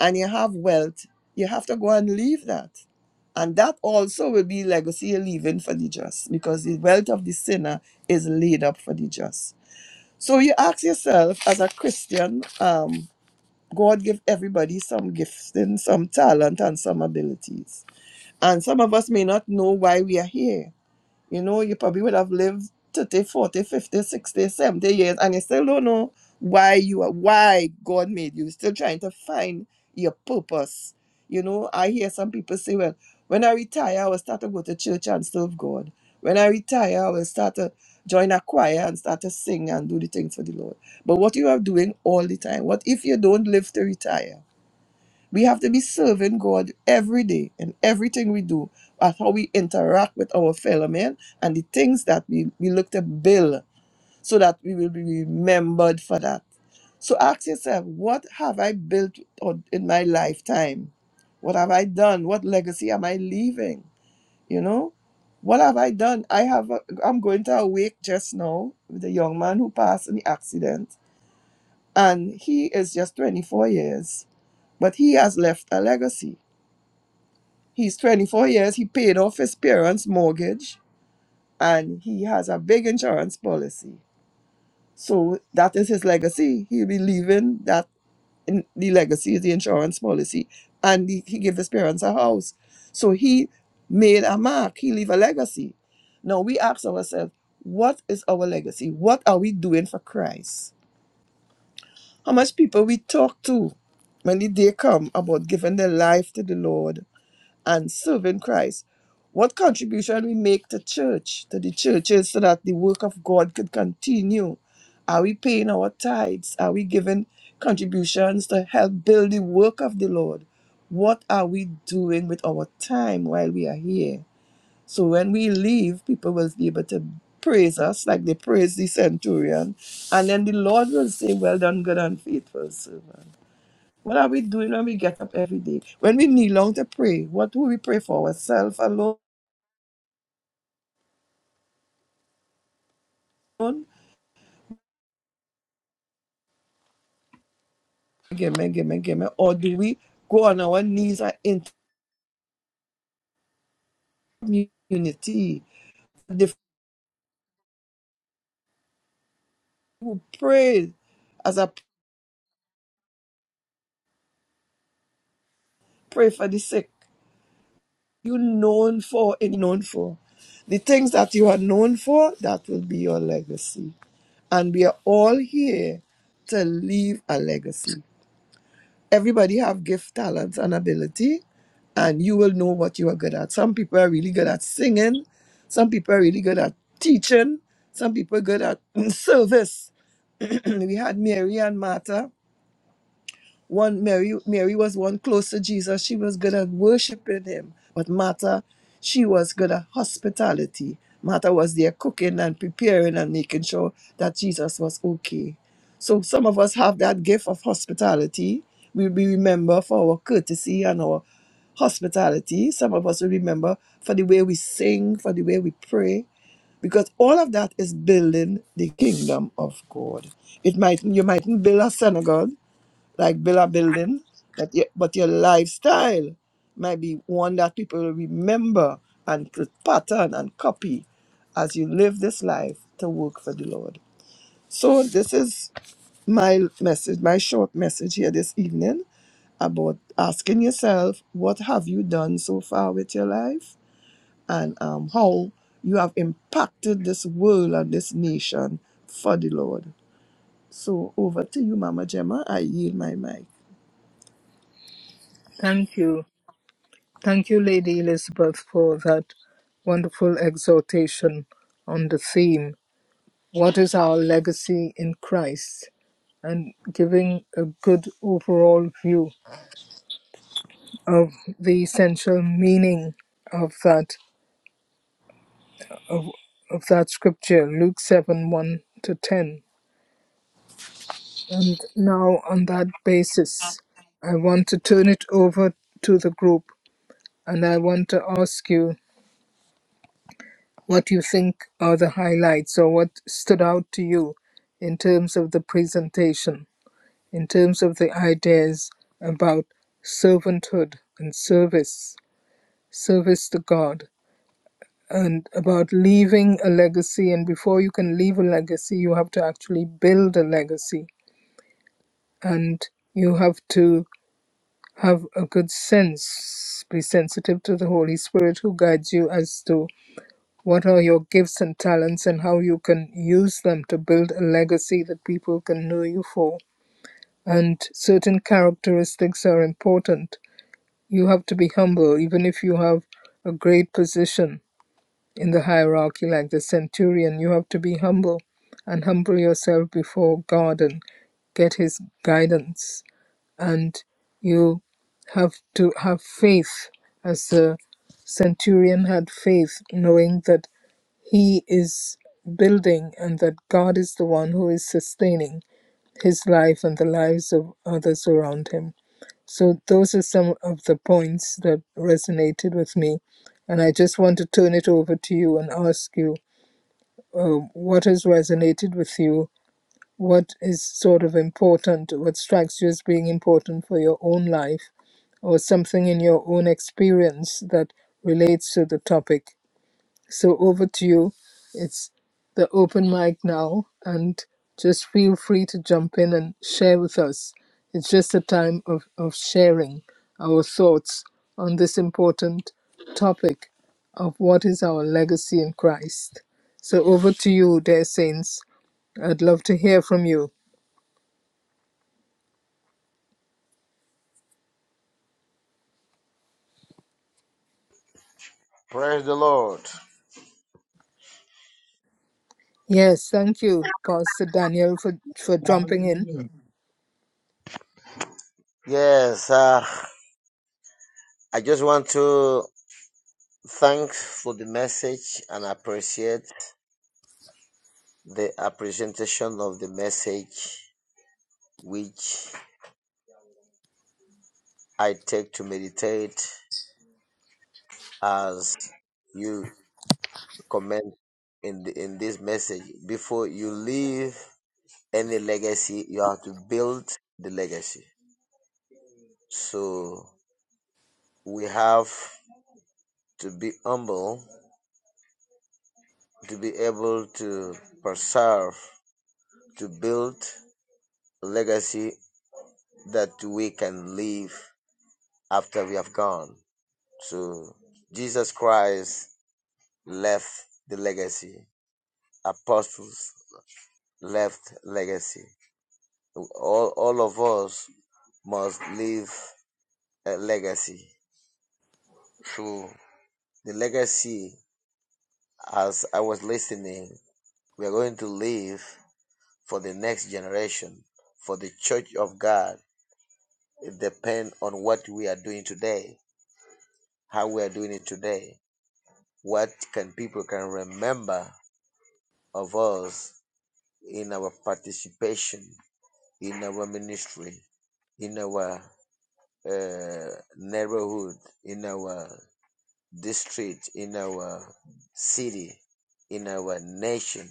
and you have wealth, you have to go and leave that. And that also will be legacy you're leaving for the just, because the wealth of the sinner is laid up for the just. So you ask yourself, as a Christian, um, God give everybody some gifts and some talent and some abilities. And some of us may not know why we are here you know, you probably would have lived 30, 40, 50, 60, 70 years, and you still don't know why you are, why God made you. Still trying to find your purpose. You know, I hear some people say, well, when I retire, I will start to go to church and serve God. When I retire, I will start to join a choir and start to sing and do the things for the Lord. But what you are doing all the time, what if you don't live to retire? We have to be serving God every day in everything we do, at how we interact with our fellow men and the things that we, we look to build so that we will be remembered for that. So ask yourself, what have I built on- in my lifetime? What have I done? What legacy am I leaving? You know, what have I done? I have. A, I'm going to a wake just now with a young man who passed in the accident, and he is just 24 years, but he has left a legacy He's 24 years. He paid off his parents' mortgage and he has a big insurance policy. So that is his legacy. He'll be leaving that in, the legacy is the insurance policy. And he, he gave his parents a house. So he made a mark. He leave a legacy. Now we ask ourselves, what is our legacy? What are we doing for Christ? How much people we talk to when the day come about giving their life to the Lord and serving Christ. What contribution we make to church, to the churches, so that the work of God could continue? Are we paying our tithes? Are we giving contributions to help build the work of the Lord? What are we doing with our time while we are here? So when we leave, people will be able to praise us like they praise the centurion. And then the Lord will say, Well done, good and faithful servant. What are we doing when we get up every day? When we kneel down to pray, what do we pray for? Ourselves alone? Give me, give me, give me. Or do we go on our knees and enter community? The who pray as I pray for the sick, you known for and known for. The things that you are known for, that will be your legacy. And we are all here to leave a legacy. everybody have gift, talents, and ability, and you will know what you are good at. Some people are really good at singing, some people are really good at teaching, some people are good at service. we had Mary and Martha. One Mary Mary was one close to Jesus. She was good at worshiping him. But Martha, she was good at hospitality. Martha was there cooking and preparing and making sure that Jesus was okay. So some of us have that gift of hospitality. We we remember for our courtesy and our hospitality. Some of us will remember for the way we sing, for the way we pray, because all of that is building the kingdom of God. It might you mightn't build a synagogue, like villa building, that you, but your lifestyle might be one that people will remember and could pattern and copy as you live this life to work for the Lord. So this is my message, my short message here this evening about asking yourself, what have you done so far with your life, and um, how you have impacted this world and this nation for the Lord. So over to you, Mama Gemma. I yield my mic.
Thank you. Thank you, Lady Elizabeth, for that wonderful exhortation on the theme What is our legacy in Christ? and giving a good overall view of the essential meaning of that of that scripture, Luke seven one to ten. And now on that basis, I want to turn it over to the group and I want to ask you what you think are the highlights or what stood out to you in terms of the presentation, in terms of the ideas about servanthood and service, service to God, and about leaving a legacy. And before you can leave a legacy, you have to actually build a legacy and you have to have a good sense, be sensitive to the Holy Spirit who guides you as to what are your gifts and talents and how you can use them to build a legacy that people can know you for. And certain characteristics are important. You have to be humble, even if you have a great position in the hierarchy like the centurion. You have to be humble and humble yourself before God and get His guidance. And you have to have faith, as the centurion had faith, knowing that he is building and that God is the one who is sustaining his life and the lives of others around him. So those are some of the points that resonated with me, and I just want to turn it over to you and ask you um, what has resonated with you. What is sort of important? What strikes you as being important for your own life, or something in your own experience that relates to the topic? So over to you. It's the open mic now, and just feel free to jump in and share with us. It's just a time of, of sharing our thoughts on this important topic of what is our legacy in Christ. So over to you, dear saints. I'd love to hear from you.
Praise the Lord.
Yes, thank you, Pastor Daniel, for, for jumping in.
hallelujah.
Yes, uh, I just want to thank for the message and appreciate the appreciation of the message which I take to meditate as you comment in the, in this message. Before you leave any legacy, you have to build the legacy. So we have to be humble to be able to preserve, to build a legacy that we can leave after we have gone. So Jesus Christ left the legacy. Apostles left legacy. All, all of us must leave a legacy. So the legacy, as I was listening, we are going to leave for the next generation, for the church of God It depends on what we are doing today, how we are doing it today, what can people can remember of us in our participation, in our ministry, in our uh, neighborhood, in our district, in our city, in our nation,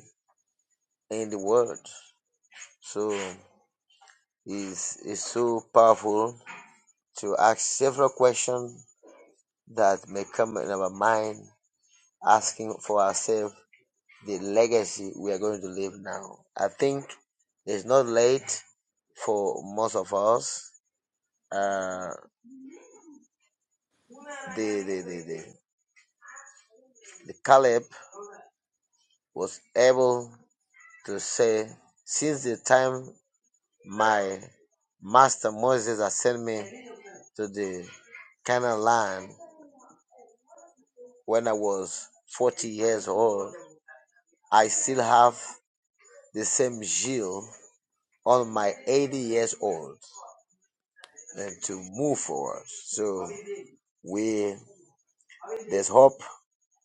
in the world. So it's, it's so powerful to ask several questions that may come in our mind asking for ourselves the legacy we are going to leave now. I think it's not late for most of us. Uh, the, the, the, the, the Caleb was able to say, since the time my master Moses has sent me to the Canaan land when I was 40 years old, I still have the same zeal on my 80 years old. and to move forward. So we there's hope.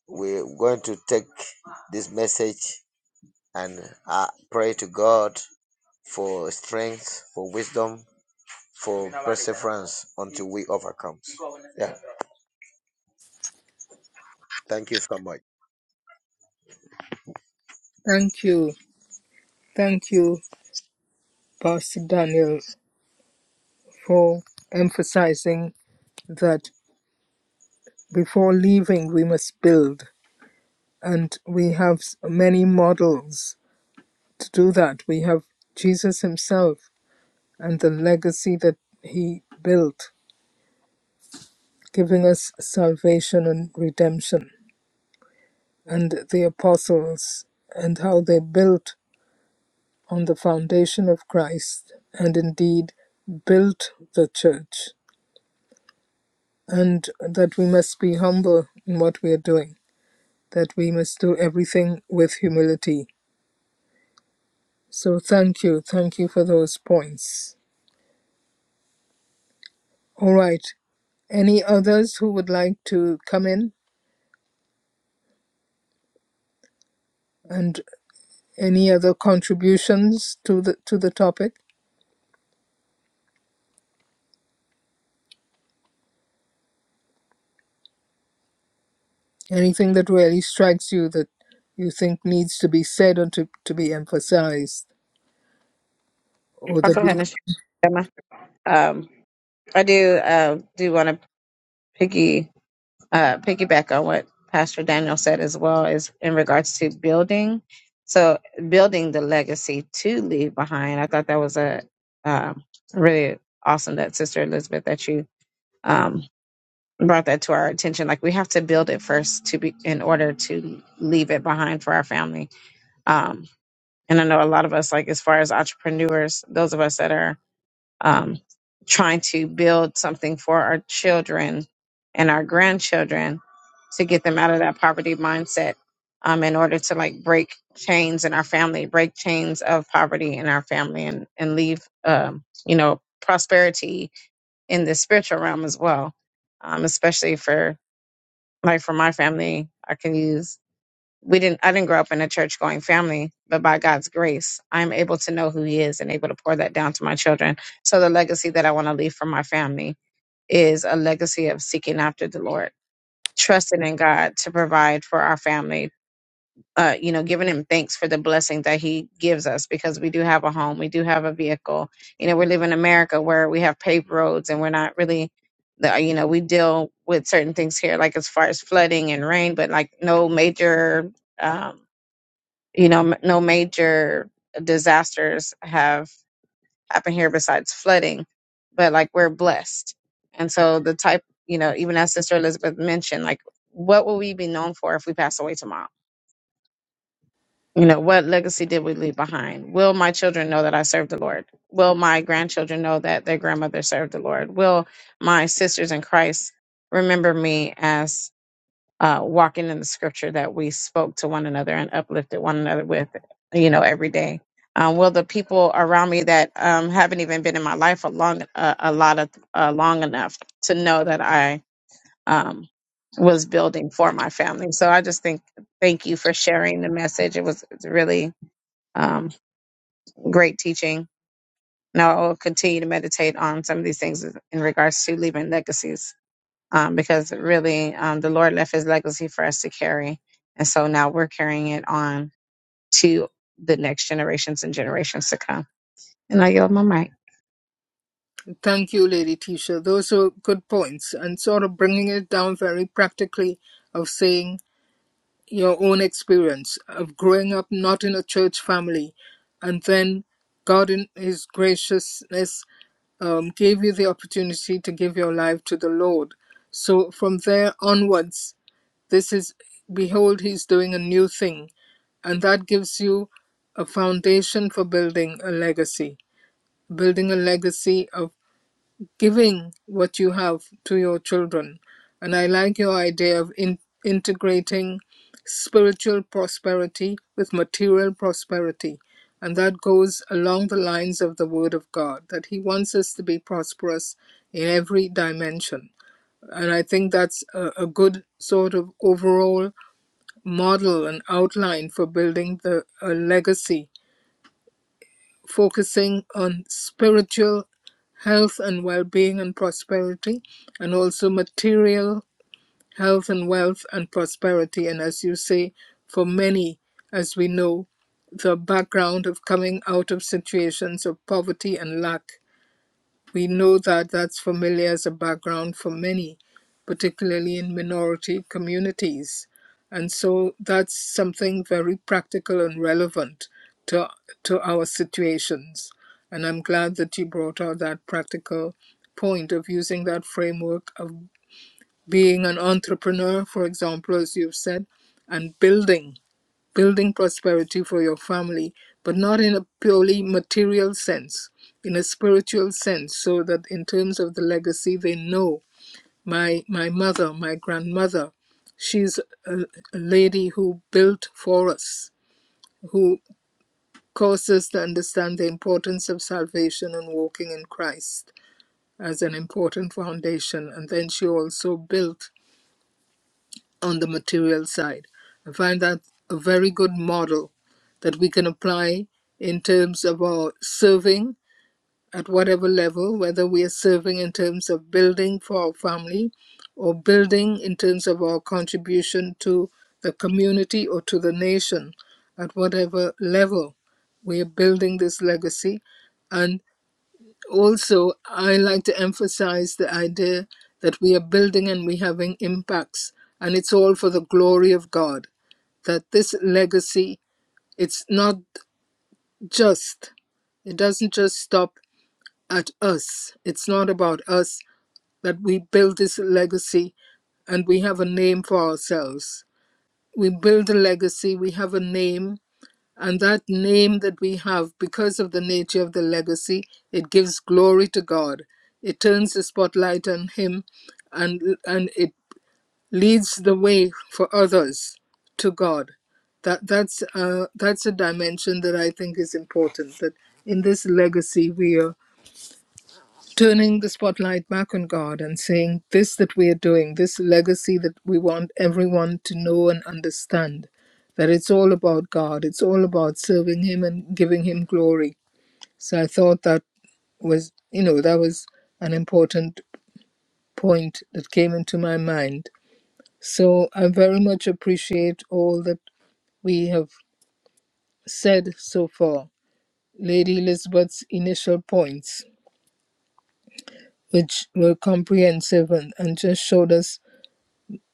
We're going to take this message and uh, pray to God for strength, for wisdom, for perseverance until we overcome. Yeah. Thank you so much.
Thank you. Thank you, Pastor Daniel, for emphasizing that Before leaving, we must build, and we have s- many models to do that. We have Jesus himself and the legacy that he built, giving us salvation and redemption, and the apostles and how they built on the foundation of Christ and indeed built the church, and that we must be humble in what we are doing, that we must do everything with humility So thank you. Thank you for those points. All right. Any others who would like to come in and any other contributions to the to the topic? Anything that really strikes you that you think needs to be said or to, to be emphasized or
I'll
that
go
we
ahead and share Um, I do uh, do want to piggy uh, piggyback on what Pastor Daniel said as well is in regards to building. So building the legacy to leave behind. I thought that was a um, really awesome that Sister Elizabeth that you um, brought that to our attention. Like we have to build it first to be in order to leave it behind for our family. Um, and I know a lot of us, like as far as entrepreneurs, those of us that are um, trying to build something for our children and our grandchildren to get them out of that poverty mindset um, in order to like break chains in our family, break chains of poverty in our family, and, and leave, um, you know, prosperity in the spiritual realm as well, um, especially for like for my family. I can use we didn't I didn't grow up in a church going family, but by God's grace, I'm able to know who he is and able to pour that down to my children. So the legacy that I want to leave for my family is a legacy of seeking after the Lord, trusting in God to provide for our family. Uh, you know, giving him thanks for the blessing that he gives us because we do have a home, we do have a vehicle. You know, we live in America where we have paved roads and we're not really, the, you know, we deal with certain things here, like as far as flooding and rain, but like no major. um, you know, m- no major disasters have happened here besides flooding, but like we're blessed. And so the type, you know, even as Sister Elizabeth mentioned, like what will we be known for if we pass away tomorrow? You know, what legacy did we leave behind? Will my children know that I served the Lord? Will my grandchildren know that their grandmother served the Lord? Will my sisters in Christ remember me as uh, walking in the scripture that we spoke to one another and uplifted one another with, you know, every day. Um, will the people around me that um, haven't even been in my life a long, uh, a lot of uh, long enough to know that I um, was building for my family. So I just think, thank you for sharing the message. It was really um, great teaching. Now I'll continue to meditate on some of these things in regards to leaving legacies um, because really um, the Lord left his legacy for us to carry. And so now we're carrying it on to the next generations and generations to come. And I yield my mic.
thank you lady tisha those are good points and sort of bringing it down very practically of saying your own experience of growing up not in a church family and then god in his graciousness um, gave you the opportunity to give your life to the lord so from there onwards this is behold he's doing a new thing and that gives you a foundation for building a legacy building a legacy of giving what you have to your children. And I like your idea of in- integrating spiritual prosperity with material prosperity. And that goes along the lines of the Word of God, that He wants us to be prosperous in every dimension. And I think that's a, a good sort of overall model and outline for building the a legacy focusing on spiritual health and well being and prosperity, and also material health and wealth and prosperity. And as you say, for many, as we know, the background of coming out of situations of poverty and lack we know that that's familiar as a background for many, particularly in minority communities. And so that's something very practical and relevant to, to our situations. And I'm glad that you brought out that practical point of using that framework of being an entrepreneur, for example, as you've said, and building building prosperity for your family, but not in a purely material sense, in a spiritual sense, so that in terms of the legacy, they know my, my mother, my grandmother, she's a, a lady who built for us, who caused us to understand the importance of salvation and walking in Christ as an important foundation. And then she also built on the material side. I find that a very good model that we can apply in terms of our serving at whatever level, whether we are serving in terms of building for our family or building in terms of our contribution to the community or to the nation at whatever level. We are building this legacy and also, I like to emphasize the idea that we are building and we're having impacts, and it's all for the glory of God. That this legacy, it's not just, it doesn't just stop at us. It's not about us that we build this legacy and we have a name for ourselves. We build a legacy, we have a name, and that name that we have, because of the nature of the legacy, it gives glory to God. It turns the spotlight on Him and, and it leads the way for others to God. That, that's, uh, that's a dimension that I think is important, that in this legacy we are turning the spotlight back on God and saying, This that we are doing, this legacy that we want everyone to know and understand, that it's all about God, it's all about serving Him and giving Him glory. So I thought that was, you know, that was an important point that came into my mind. So I very much appreciate all that we have said so far. Lady Elizabeth's initial points, which were comprehensive and, and just showed us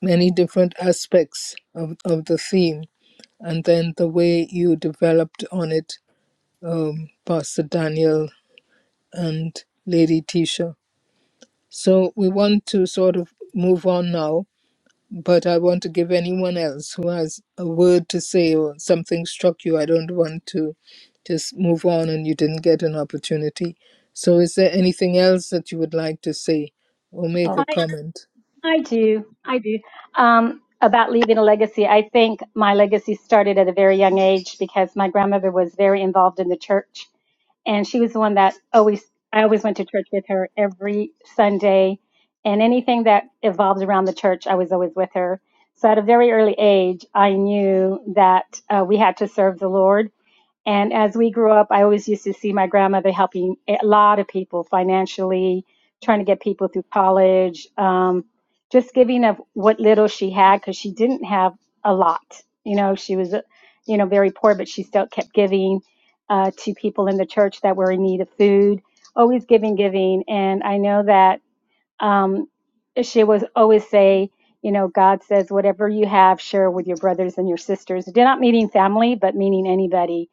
many different aspects of, of the theme and then the way you developed on it, um, Pastor Daniel and Lady Tisha. So we want to sort of move on now, but I want to give anyone else who has a word to say or something struck you. I don't want to just move on and you didn't get an opportunity. So is there anything else that you would like to say or make
Oh,
a
I
comment?
I do. I do. Um, about leaving a legacy. I think my legacy started at a very young age because my grandmother was very involved in the church and she was the one that always I always went to church with her every Sunday and anything that evolved around the church, I was always with her. So at a very early age, I knew that uh, we had to serve the Lord and as we grew up, I always used to see my grandmother helping a lot of people financially, trying to get people through college, um, just giving of what little she had because she didn't have a lot. You know, she was, uh, you know, very poor, but she still kept giving uh, to people in the church that were in need of food, always giving, giving. And I know that um, she was always say, you know, God says, whatever you have, share with your brothers and your sisters. Did not meaning family, but meaning anybody.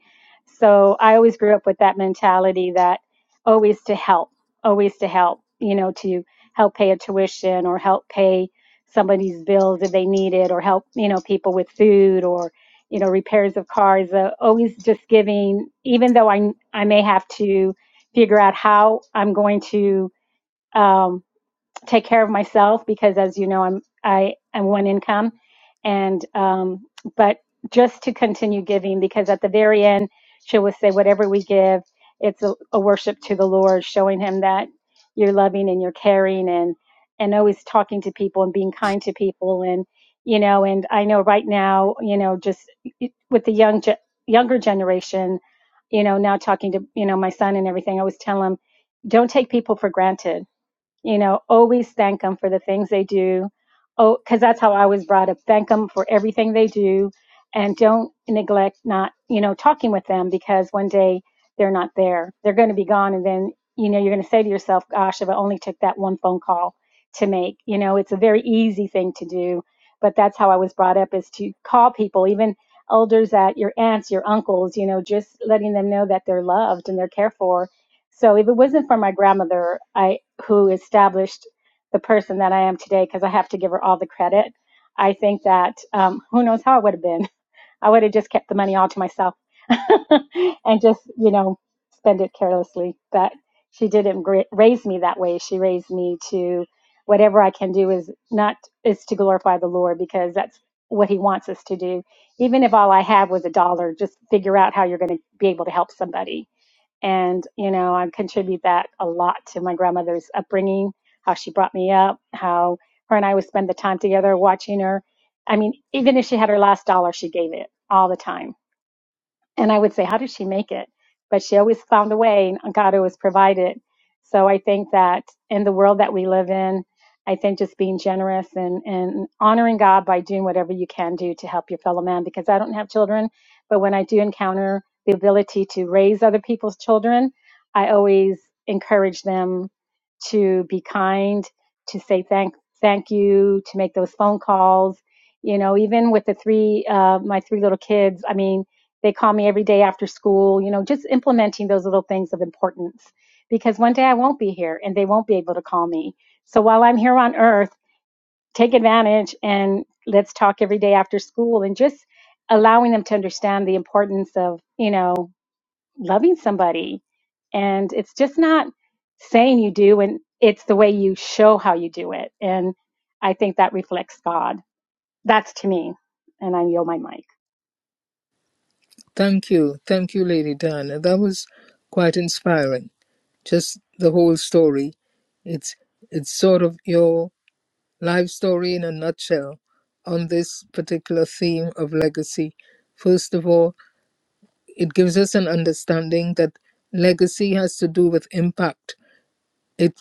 So I always grew up with that mentality that always to help, always to help, you know, to help pay a tuition or help pay somebody's bills if they need it or help, you know, people with food or, you know, repairs of cars, uh, always just giving, even though I, I may have to figure out how I'm going to, Um, take care of myself because as you know i'm i am one income and um but just to continue giving because at the very end she will say whatever we give it's a, a worship to the lord showing him that you're loving and you're caring and and always talking to people and being kind to people and you know and i know right now you know just with the young ge- younger generation you know now talking to you know my son and everything i always tell him don't take people for granted you know always thank them for the things they do oh because that's how i was brought up thank them for everything they do and don't neglect not you know talking with them because one day they're not there they're going to be gone and then you know you're going to say to yourself gosh if i only took that one phone call to make you know it's a very easy thing to do but that's how i was brought up is to call people even elders at your aunts your uncles you know just letting them know that they're loved and they're cared for so if it wasn't for my grandmother, I who established the person that I am today, because I have to give her all the credit. I think that um, who knows how it would have been. I would have just kept the money all to myself and just you know spend it carelessly. But she didn't gra- raise me that way. She raised me to whatever I can do is not is to glorify the Lord because that's what He wants us to do. Even if all I have was a dollar, just figure out how you're going to be able to help somebody and, you know, I contribute that a lot to my grandmother's upbringing, how she brought me up, how her and I would spend the time together watching her. I mean, even if she had her last dollar, she gave it all the time and I would say, how did she make it? But she always found a way, and God always provided. So I think that in the world that we live in, I think just being generous and, and honoring God by doing whatever you can do to help your fellow man, because I don't have children, but when I do encounter the ability to raise other people's children, I always encourage them to be kind, to say thank thank you, to make those phone calls. You know, even with the three uh, my three little kids, I mean, they call me every day after school, you know, just implementing those little things of importance because one day I won't be here and they won't be able to call me. So while I'm here on earth, take advantage and let's talk every day after school and just allowing them to understand the importance of, you know, loving somebody. And it's just not saying you do and it's the way you show how you do it. And I think that reflects God. That's to me. And I yield my mic.
Thank you. Thank you, Lady Diana. That was quite inspiring. Just the whole story. It's it's sort of your life story in a nutshell on this particular theme of legacy. First of all, it gives us an understanding that legacy has to do with impact. It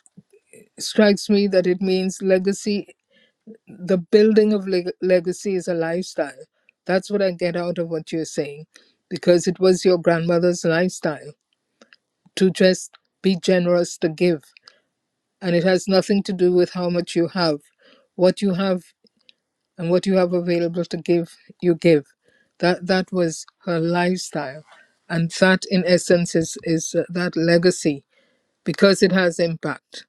strikes me that it means legacy the building of leg- legacy is a lifestyle. That's what I get out of what you're saying because it was your grandmother's lifestyle to just be generous to give. And it has nothing to do with how much you have. What you have and what you have available to give, you give. That that was her lifestyle. And that in essence is, is uh, that legacy because it has impact.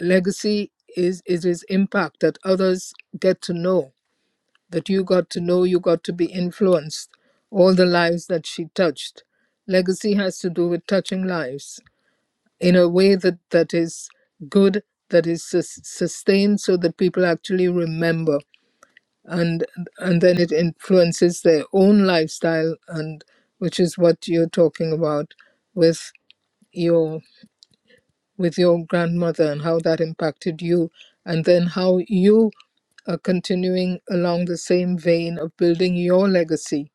Legacy is it is impact that others get to know, that you got to know, you got to be influenced. All the lives that she touched. Legacy has to do with touching lives in a way that, that is good, that is sus- sustained so that people actually remember and and then it influences their own lifestyle and which is what you're talking about with your with your grandmother and how that impacted you and then how you are continuing along the same vein of building your legacy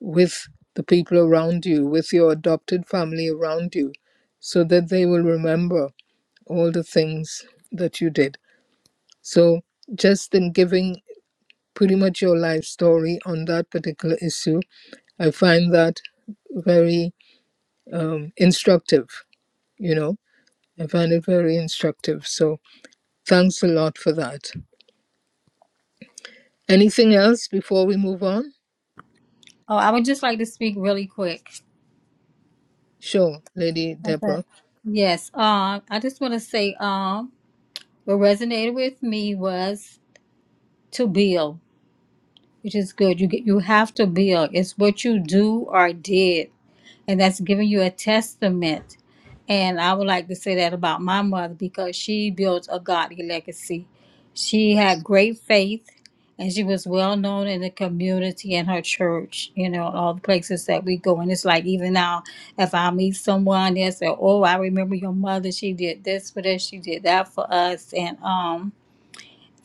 with the people around you with your adopted family around you so that they will remember all the things that you did. So, just in giving pretty much your life story on that particular issue, I find that very um, instructive. You know, I find it very instructive. So, thanks a lot for that. Anything else before we move on?
oh, I would just like to speak really quick.
Sure, Lady
Okay.
Deborah.
Yes. Um, I just want to say, um, what resonated with me was to build. which is good. You get, you have to build. It's what you do or did, and that's giving you a testament. And I would like to say that about my mother because she built a godly legacy. She had great faith, and she was well known in the community and her church. You know, all the places that we go. And it's like even now, if I meet someone, they say, "Oh, I remember your mother. She did this for us. She did that for us." And um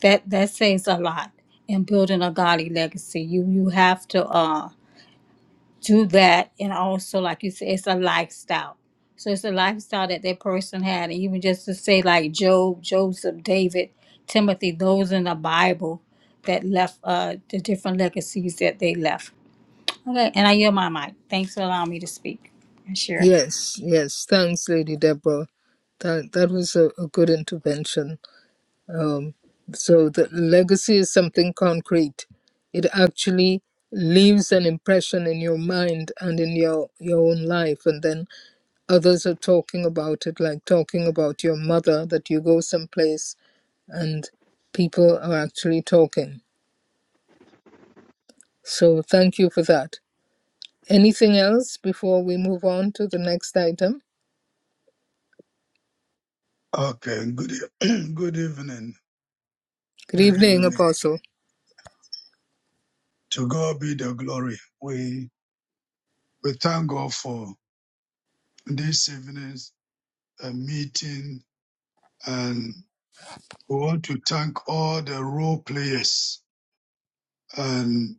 that that says a lot in building a godly legacy you you have to uh do that and also like you said it's a lifestyle so it's a lifestyle that that person had and even just to say like job joseph david timothy those in the bible that left uh the different legacies that they left okay and i yield my mic thanks for allowing me to speak and share
Yes, yes. Thanks, Lady Deborah. That, that was a, a good intervention. Um, so the legacy is something concrete. It actually leaves an impression in your mind and in your your own life, and then others are talking about it, like talking about your mother that you go someplace and people are actually talking. So thank you for that. Anything else before we move on to the next item?
Okay, good, e- good evening,
Good
good
evening,
evening.
Apostle.
To God be the glory. We we thank God for this evening's uh, meeting and we want to thank all the role players and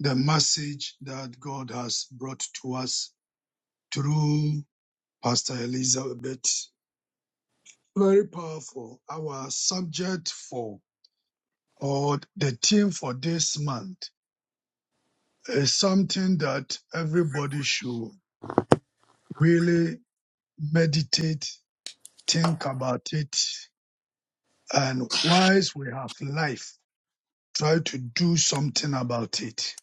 the message that God has brought to us through Pastor Elizabeth. Very powerful. Our subject for or the theme for this month is something that everybody should really meditate, think about it, and whilst we have life try to do something about it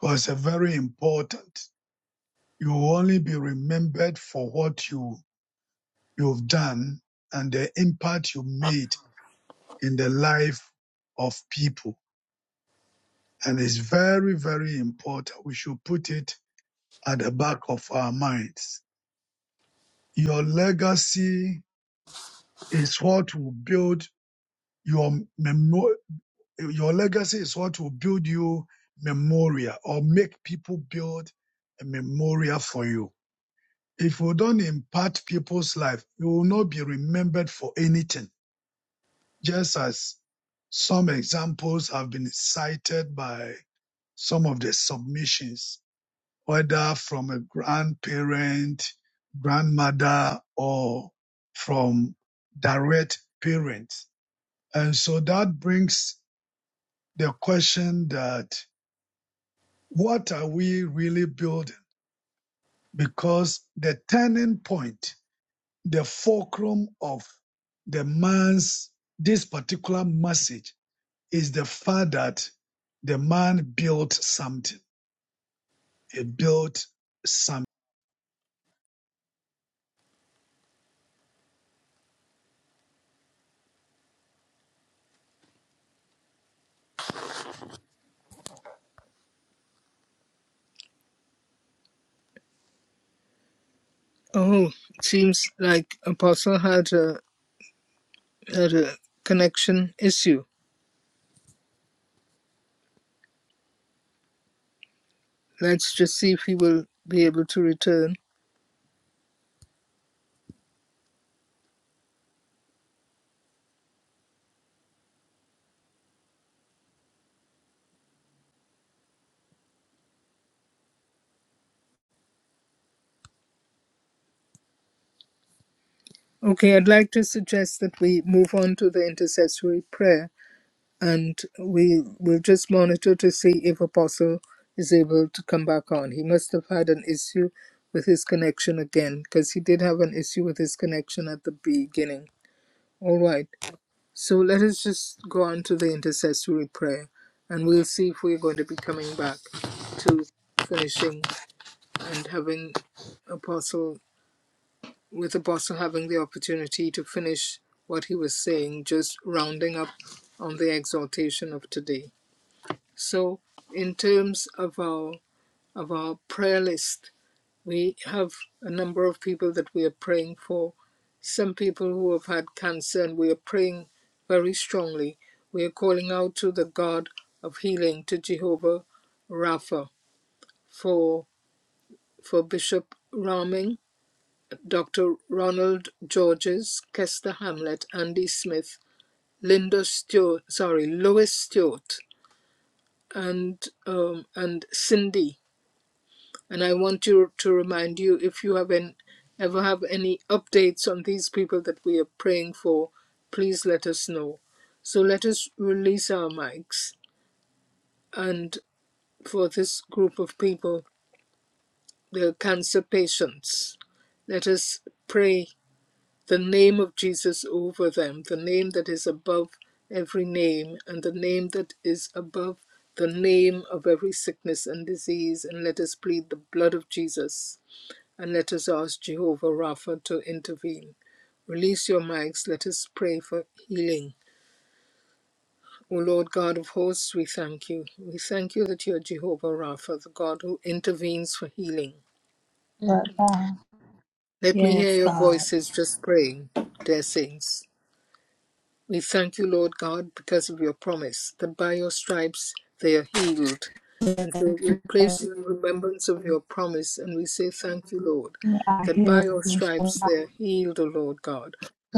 because it's very important. You will only be remembered for what you, you've done and the impact you made in the life of people. And it's very, very important. We should put it at the back of our minds. Your legacy is what will build your memo- your legacy is what will build you memoria or make people build a memoria for you If we don't impact people's life, you will not be remembered for anything. Just as some examples have been cited by some of the submissions, whether from a grandparent, grandmother, or from direct parents. And so that brings the question that what are we really building? Because the turning point the fulcrum of the man's this particular message is the fact that the man built something. He built something.
Oh, it seems like Apostle had a had a connection issue. Let's just see if he will be able to return. Okay, I'd like to suggest that we move on to the intercessory prayer and we will just monitor to see if Apostle is able to come back on. He must have had an issue with his connection again because he did have an issue with his connection at the beginning. All right, so let us just go on to the intercessory prayer and we'll see if we're going to be coming back to finishing and having Apostle with Apostle having the opportunity to finish what he was saying, just rounding up on the exhortation of today. So, in terms of our of our prayer list, we have a number of people that we are praying for. Some people who have had cancer, and we are praying very strongly. We are calling out to the God of healing, to Jehovah Rapha, for for Bishop Raming Doctor Ronald Georges, Kester Hamlet, Andy Smith, Linda Stewart, sorry, Lois Stewart, and um, and Cindy. And I want you to remind you if you have an, ever have any updates on these people that we are praying for, please let us know. So let us release our mics. And for this group of people, the cancer patients, let us pray the name of Jesus over them, the name that is above every name, and the name that is above the name of every sickness and disease. And let us plead the blood of Jesus, and let us ask Jehovah Rapha to intervene. Release your mics. Let us pray for healing. O Lord God of hosts, we thank you. We thank you that you are Jehovah Rapha, the God who intervenes for healing.
But, uh,
Let me hear
yes
your
god
voices just praying, dear saints. We thank you, Lord God, because of your promise that by your stripes they are healed. And so we place you in remembrance of your promise and we say, Thank you, Lord,
I
that by
hear
your stripes they
you.
are healed, O Lord God.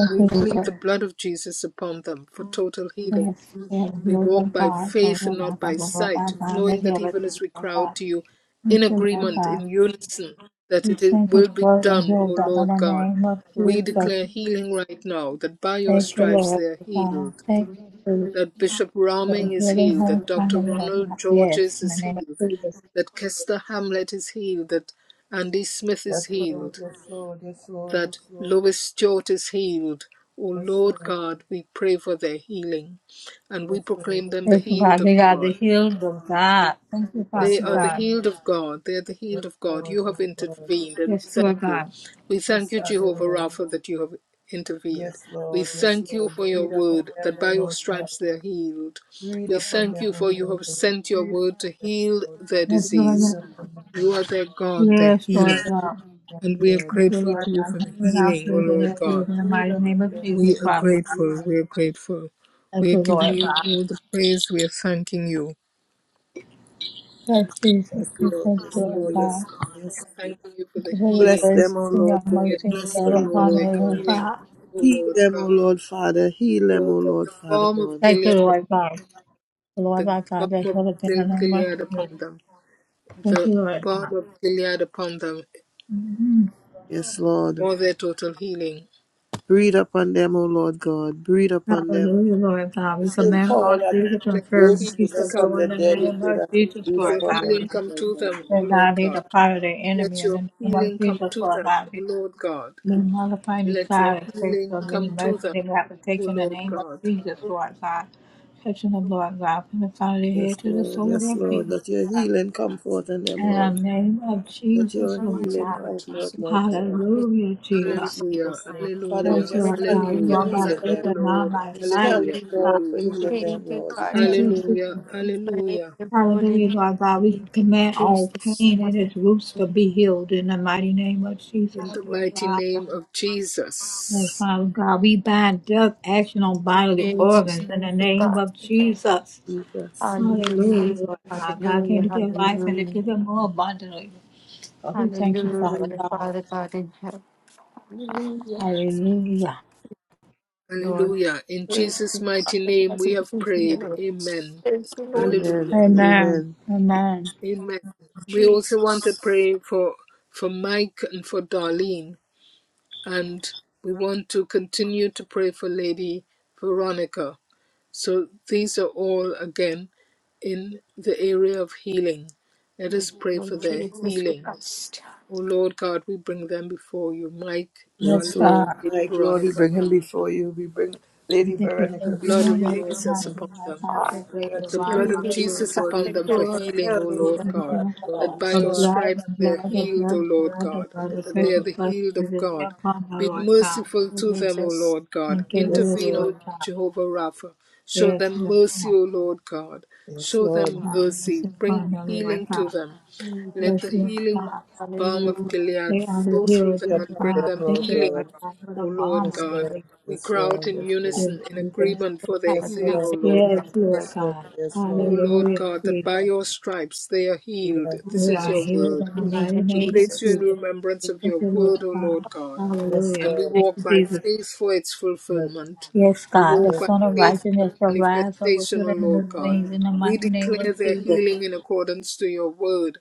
We plead the blood of Jesus upon them for total healing
Yes, yes,
we
Lord
walk
of
by
God, God
faith and
of
not
our
by
Lord our
sight,
God,
knowing
let
that
your us
even as
be
we
our
cry out
God.
to you
We
in
thank you,
agreement,
God.
in unison, that
We
it is-
thank you,
will be
Lord, and
done,
heal
O
them in
Lord
the
God.
name of
We declare
Jesus.
healing right now, that by your
Thank you,
stripes
Lord
they are
God.
healed,
Thank you for
that Bishop Raming
for
is
healing
healed,
her
that Dr.
family, Lord
Ronald
God. Yes,
Georges
in the
is
name of
healed,
Jesus.
that Kester Hamlet is healed, that Andy Smith
Yes,
is
Lord.
healed,
Yes, Lord. Yes, Lord.
that Lois Stewart is healed. O
Yes,
Lord
Lord.
God, we pray for their healing and we
Yes, Lord.
proclaim them the
Thank you,
healed
God.
of
We are the
God.
healed of God. Thank you,
They
Yes,
Father
are the
Lord.
God.
healed of God. They are the healed
Yes,
of
Lord. Yes,
God. You have
Lord. Yes, Lord.
intervened and we
Yes,
thank
Lord
you.
God.
We thank
Yes,
you,
Father,
Jehovah
Lord.
Rapha, that you have intervened.
Yes,
We
Lord. Yes,
thank you
Lord.
for your
Breathe upon
word
them,
that
O
by your
Lord,
stripes they
Father.
are healed.
Breathe
We
upon
thank
them,
you
O
for you
Lord.
have
God.
sent your
Breathe
word
upon
to
them,
heal
O Lord, Father.
their
Yes, Lord
Breathe
God.
disease.
upon them,
You are
Lord.
their God, their
Yes,
Breathe,
healer.
Lord God.
And we are
Lord.
Thank you,
grateful
Breathe
Lord
to
up.
you
God.
for the
Heal our
healing, O
faith and
Lord
our
God.
healed in the
Breathe
mighty name
upon
of
them.
Jesus,
We are
Father God.
Breathe.
grateful. We are grateful.
Thank
We
you,
are giving
Lord
you
God.
all the praise. We are thanking you.
Lord Jesus,
Yes,
We
we
are
Lord.
thank you,
Yes,
thanking
Lord
you,
Lord.
Lord.
Yes,
God.
Lord.
We
Yes,
are
Lord.
thanking you for
Thank
the
you for your
Bless
healing.
grace
them, O
and your
Lord
We are
God.
mercy and
Bless
thanking
love
you
them, O
for
upon
the
Lord
us, Lord
God.
healing,
God.
oh
Heal
Lord
them, O
God.
Lord Father. Heal them,
Oh,
O
the,
Lord
the
Father
balm of
God.
Thank you,
Gilead,
Lord God. Lord
the
our
balm
God, that
of
you, have been
Gil-
an
Gilead
unmerciful.
upon them.
Thank
The
you, Lord
balm
God.
of Gilead upon them
Mhm.
Yes, Lord.
for their total healing.
Breathe upon them, O Lord God. Breathe upon them.
Hallelujah, Lord God.
The
We
same
command
power
all
that
spirits of
Let your healing
raised
infirmity to
Jesus from
go
come to
the
in the
dead, we
name
pray
of
that you
Jesus,
breathe
Lord
your
upon
God.
them,
healing come
They
Lord
to
God.
them, O Lord
not need
God.
the power of the
Let
enemy in
your
the name of
healing come
Jesus,
to
Lord
them, O
God.
Lord God.
May nullify any
Let your
side effects
healing
of any
come to
medicine
them,
they may have to
O
take in the
Lord
name of
God.
Jesus, Lord God. Touching them, Lord God, from the crown of their
Yes,
head to the
Lord.
sole of their
Yes, Lord.
feet, Lord
That your
God.
healing come forth on them,
In the
Lord.
name of
That
Jesus,
your
Lord
healing
God.
come forth, Lord God.
Hallelujah,
In
Jesus.
Hallelujah,
Jesus' name. Father, we
Yes,
hallelujah,
just
Lord
thank
God.
Hallelujah.
We
you for
hallelujah.
walk
healing
by
Thank
them.
faith
you,
and not
Lord.
by
We
Jesus.
sight,
thank
Lord
Hallelujah,
you,
God.
Lord, for
hallelujah,
We just
healing them,
Thank you,
Lord. We
God.
Thank
thank
you,
hallelujah,
Jesus.
Praise
hallelujah.
your holy
Hallelujah,
name.
Lord God. We
Thank you,
command all
Jesus.
pain and its
Hallelujah.
roots to
Thank
be healed in the mighty name of
In
Jesus,
the
Lord
mighty
God.
name of
Oh,
Jesus.
Father God, we bind death action on
you,
bodily
Jesus.
organs in
Thank
the
you,
name
God.
of Jesus.
you, Jesus.
Hallelujah.
Hallelujah, Lord God. God came
Hallelujah.
to give life and to
Hallelujah.
give it more abundantly. So we thank you, Father
Hallelujah.
God.
Father God in heaven. Hallelujah.
Hallelujah.
Lord,
Hallelujah. In
thank
Jesus'
you,
mighty
Father
name
God.
we have
Thank you,
prayed.
miracles.
Amen.
Thank you, Lord
Amen
Hallelujah.
and
Amen.
amen.
Amen.
Amen. We also want to
Jesus.
pray for for Mike and for Darlene. and we want to continue to pray for Lady Veronica. So these are all again in the area of healing. Let us
Thank you,
pray for
Lord
their
Jesus
healing.
Christ.
O Lord God, we bring them before you, Mike,
Yes,
darling,
Yes, Lord.
God.
Lady
My Lord, we
Veronica,
bring him before you. We bring
We
Lady
thank you for
the
Veronica
the
blood
before
of
healing
you,
rest,
Lord
and heart,
Jesus
God.
upon
and life.
them.
I
We
take
pray
great
that
Thank
the
you
you,
divine
blood
Lord
heal
of
her,
abundance.
Jesus
Lord
Jesus
Christ
God.
upon
in
them for
Restore her
healing, O
health, O
Hallelujah.
Lord
Lord
God,
Father God.
that by
The
your
Restore her
blood,
stripes
the
they are
blood, the blood,
healed, O
the
Lord
blood, the
God,
blood, the
health,
that they are
precious
Lord.
the
blood of
healed of God.
upon her,
Be
Thank
Lord God.
merciful
you,
to them, O
Jesus.
Lord God.
Thank you,
Yes,
yes,
Intervene,
Lord
O
Lord.
God.
Jehovah Rapha. Show
Yes,
them
Lord
mercy,
God.
O Lord God.
Yes,
Show
Lord.
them
Promise
mercy.
and
Bring
final, Lord
healing
God.
to them.
Thank you,
Let
Yes,
the
Jesus.
Lord
healing
God.
balm of
Hallelujah.
Gilead
They are the
flow through
heroes
them
of
Yes,
and bring
God.
them
Thank
Lord
you, Lord
God.
healing,
God, for
O
the
Lord
bomb of
Yes,
God.
Lord.
your
We
Yes,
cry out
Lord.
in
Yes,
Lord
unison, in
Jesus.
agreement for their
yes,
healing, O
Lord. Yes, Lord. Yes,
Lord God.
Yes,
Hallelujah.
Lord
Lord.
God.
Yes,
O
Lord.
Lord
Hallelujah,
God, that by
Jesus.
your stripes they are
We
healed.
are
This
We
is
are
your
yes,
healed
word.
in the
In the name
mighty
of
We
name of
place you
Jesus.
in
Jesus.
remembrance
Thank
of
Thank
your
you, Lord
word, O
God.
Lord God,
yes, Lord. Yes,
Hallelujah.
Lord.
and we
Thank
walk
you,
by
Jesus.
faith for its fulfillment.
Yes,
We
God, the
walk by
Son of
faith for the
Righteousness will rise up with
manifestation, O
it in
Lord
his
God.
wings in the
We
mighty name of
declare their
Jesus.
healing in accordance to your word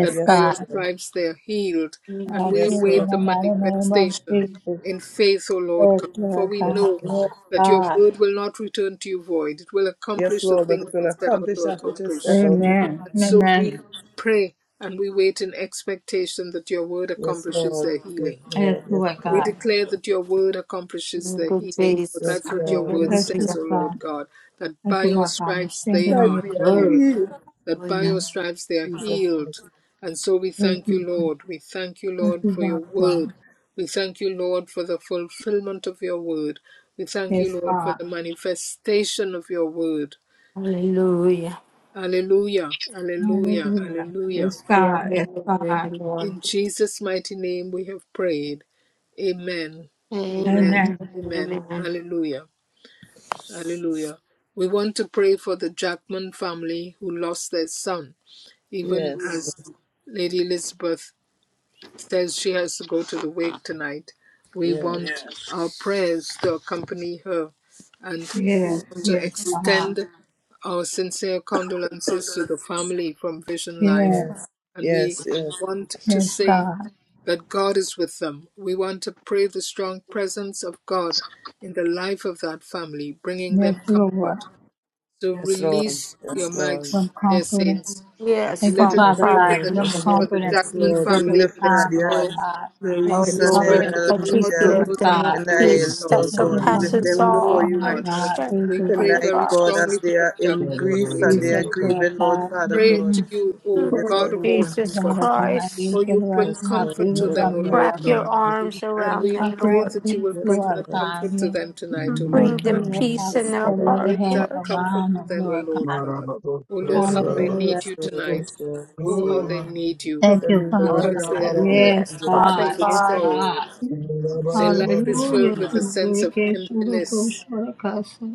that by your
God.
stripes they are healed, and
I
you,
we
Jesus.
Yes,
healed in
Lord.
await the
the mighty name of
manifestation
Jesus.
in faith, O Lord
Yes,
God. For
Lord
we
Yes,
God.
know
Yes,
Lord.
that your
God.
word will not return to you void, it will
Yes,
accomplish the
Lord. But
thing
it
that
will
it set out
accomplish
to
that which is
accomplish.
set out to do.
Amen.
And so we
Amen.
pray and we wait in expectation that your word
Yes,
accomplishes
Lord.
their
Yes,
healing.
Yes,
Lord. Yes,
Lord
Lord.
We
God.
declare that your word accomplishes
Thank
their
you,
healing, for
Jesus.
Yes,
that's what your
Lord.
word
Hallelujah.
Yes,
Yes, Lord
says, O
Lord. Yes,
Lord
God.
Lord.
God, that
Thank
by
you,
your
Lord God. We're
stripes they
standing on
Like
are
we
your
are
healed
word.
healed,
that by your
Hallelujah.
stripes they are
Jesus.
healed. And so we
Yes,
thank
you.
you, Lord. We thank you,
Thank
Lord,
you,
for
Lord
your
God.
word. We thank you, Lord, for the fulfillment of your word. We thank
Yes,
you, Lord, for
God.
the manifestation of your word.
Hallelujah.
Hallelujah! Hallelujah!
Hallelujah.
Hallelujah!
Yes,
Hallelujah.
God. Yes, God.
Hallelujah, Lord.
In Jesus' mighty name we have prayed. Amen, amen,
Amen.
Amen.
amen.
Amen.
Hallelujah! Hallelujah! We want to pray for the Jackman family who lost their son, even
Yes.
as Lady Elizabeth says she has to go to the wake tonight. We want
Yes.
Yes. our prayers to accompany her, and we
Yes,
want to
yes, God.
extend our sincere condolences
Yes.
to the family from Vision Life.
Yes,
Yes,
And we
yes, yes,
want to
yes,
say
God.
that God is with them. We want to pray the strong presence of God in the life of that family, bringing
Yes,
them
Lord.
comfort
Give
so
yes, Lord,
release
yes,
your
Lord,
mics,
them
dear
comfort and
saints.
Yes,
thank you,
Let us
Father.
yes,
Father
pray
Father.
for
God.
Lord,
the
Give them
yes,
for
Amen.
Lord,
the
comfort and
yes,
Jackman
peace
Lord.
at
We
this
family
lift
and
time,
their
Nadia
Lord
sorrow.
God.
and
Oh
Let
Reese
us
and
pray
Comfort
to
Lord,
and
Narelle
the
and
that
peace,
you
God who
Michelle
give
Lord
knows
them a
God.
how
and
to relieve
Nael,
peace that
sorrow.
Lord God. We lift
Divine
O
surpasses
them
God,
Lord
before
all
you
my
right
God,
now
God,
understanding,
we
Jesus,
pray
Father
tonight,
very
God.
God,
strongly
as
for
they
the
are in
Jackman
grief
family
and they are
tonight.
grieving, Lord
God.
Father
Pray
God.
to
Mm.
you,
We
O
Mm,
lift
God
them,
of all
Jesus
comfort,
Father God,
Christ,
for
Jesus,
you
Lord
bring
God,
Lord,
be
comfort to
with
God
them, O
Almighty.
Lord
wrap
Lord.
your
God.
Fucking
arms
And
around
we
them,
pray
Lord.
a
that you will
peace,
Yes,
bring
Lord
that
Lord,
comfort to
Yeah.
them tonight, O Lord
Bring
Thank you,
them
God.
Lord God,
peace in
yes,
their
for your
Lord,
loving
heart,
Bring
hands
that
Lord.
comfort
around
to
them,
them, O
Lord
Lord
God.
God. O Lord,
Yes,
how they
Lord.
Hallelujah,
need
Yes,
you
Lord.
tonight.
Yes, Lord. Yes,
Oh, how
Lord.
they need you.
Thank
Cover
you,
me, Lord,
Father
with
Because
the
God.
their
blood of
their
our
Yes,
Yes,
hearts are
Father
filled
God.
with
Yes,
God.
sorrow.
Lord.
God.
Their life is
Hallelujah,
filled with a sense
Thank
of
you
emptiness.
Lord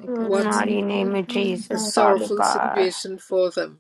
In the
What
Mighty name of
a
Jesus,
God.
Father
sorrowful
God.
situation for them.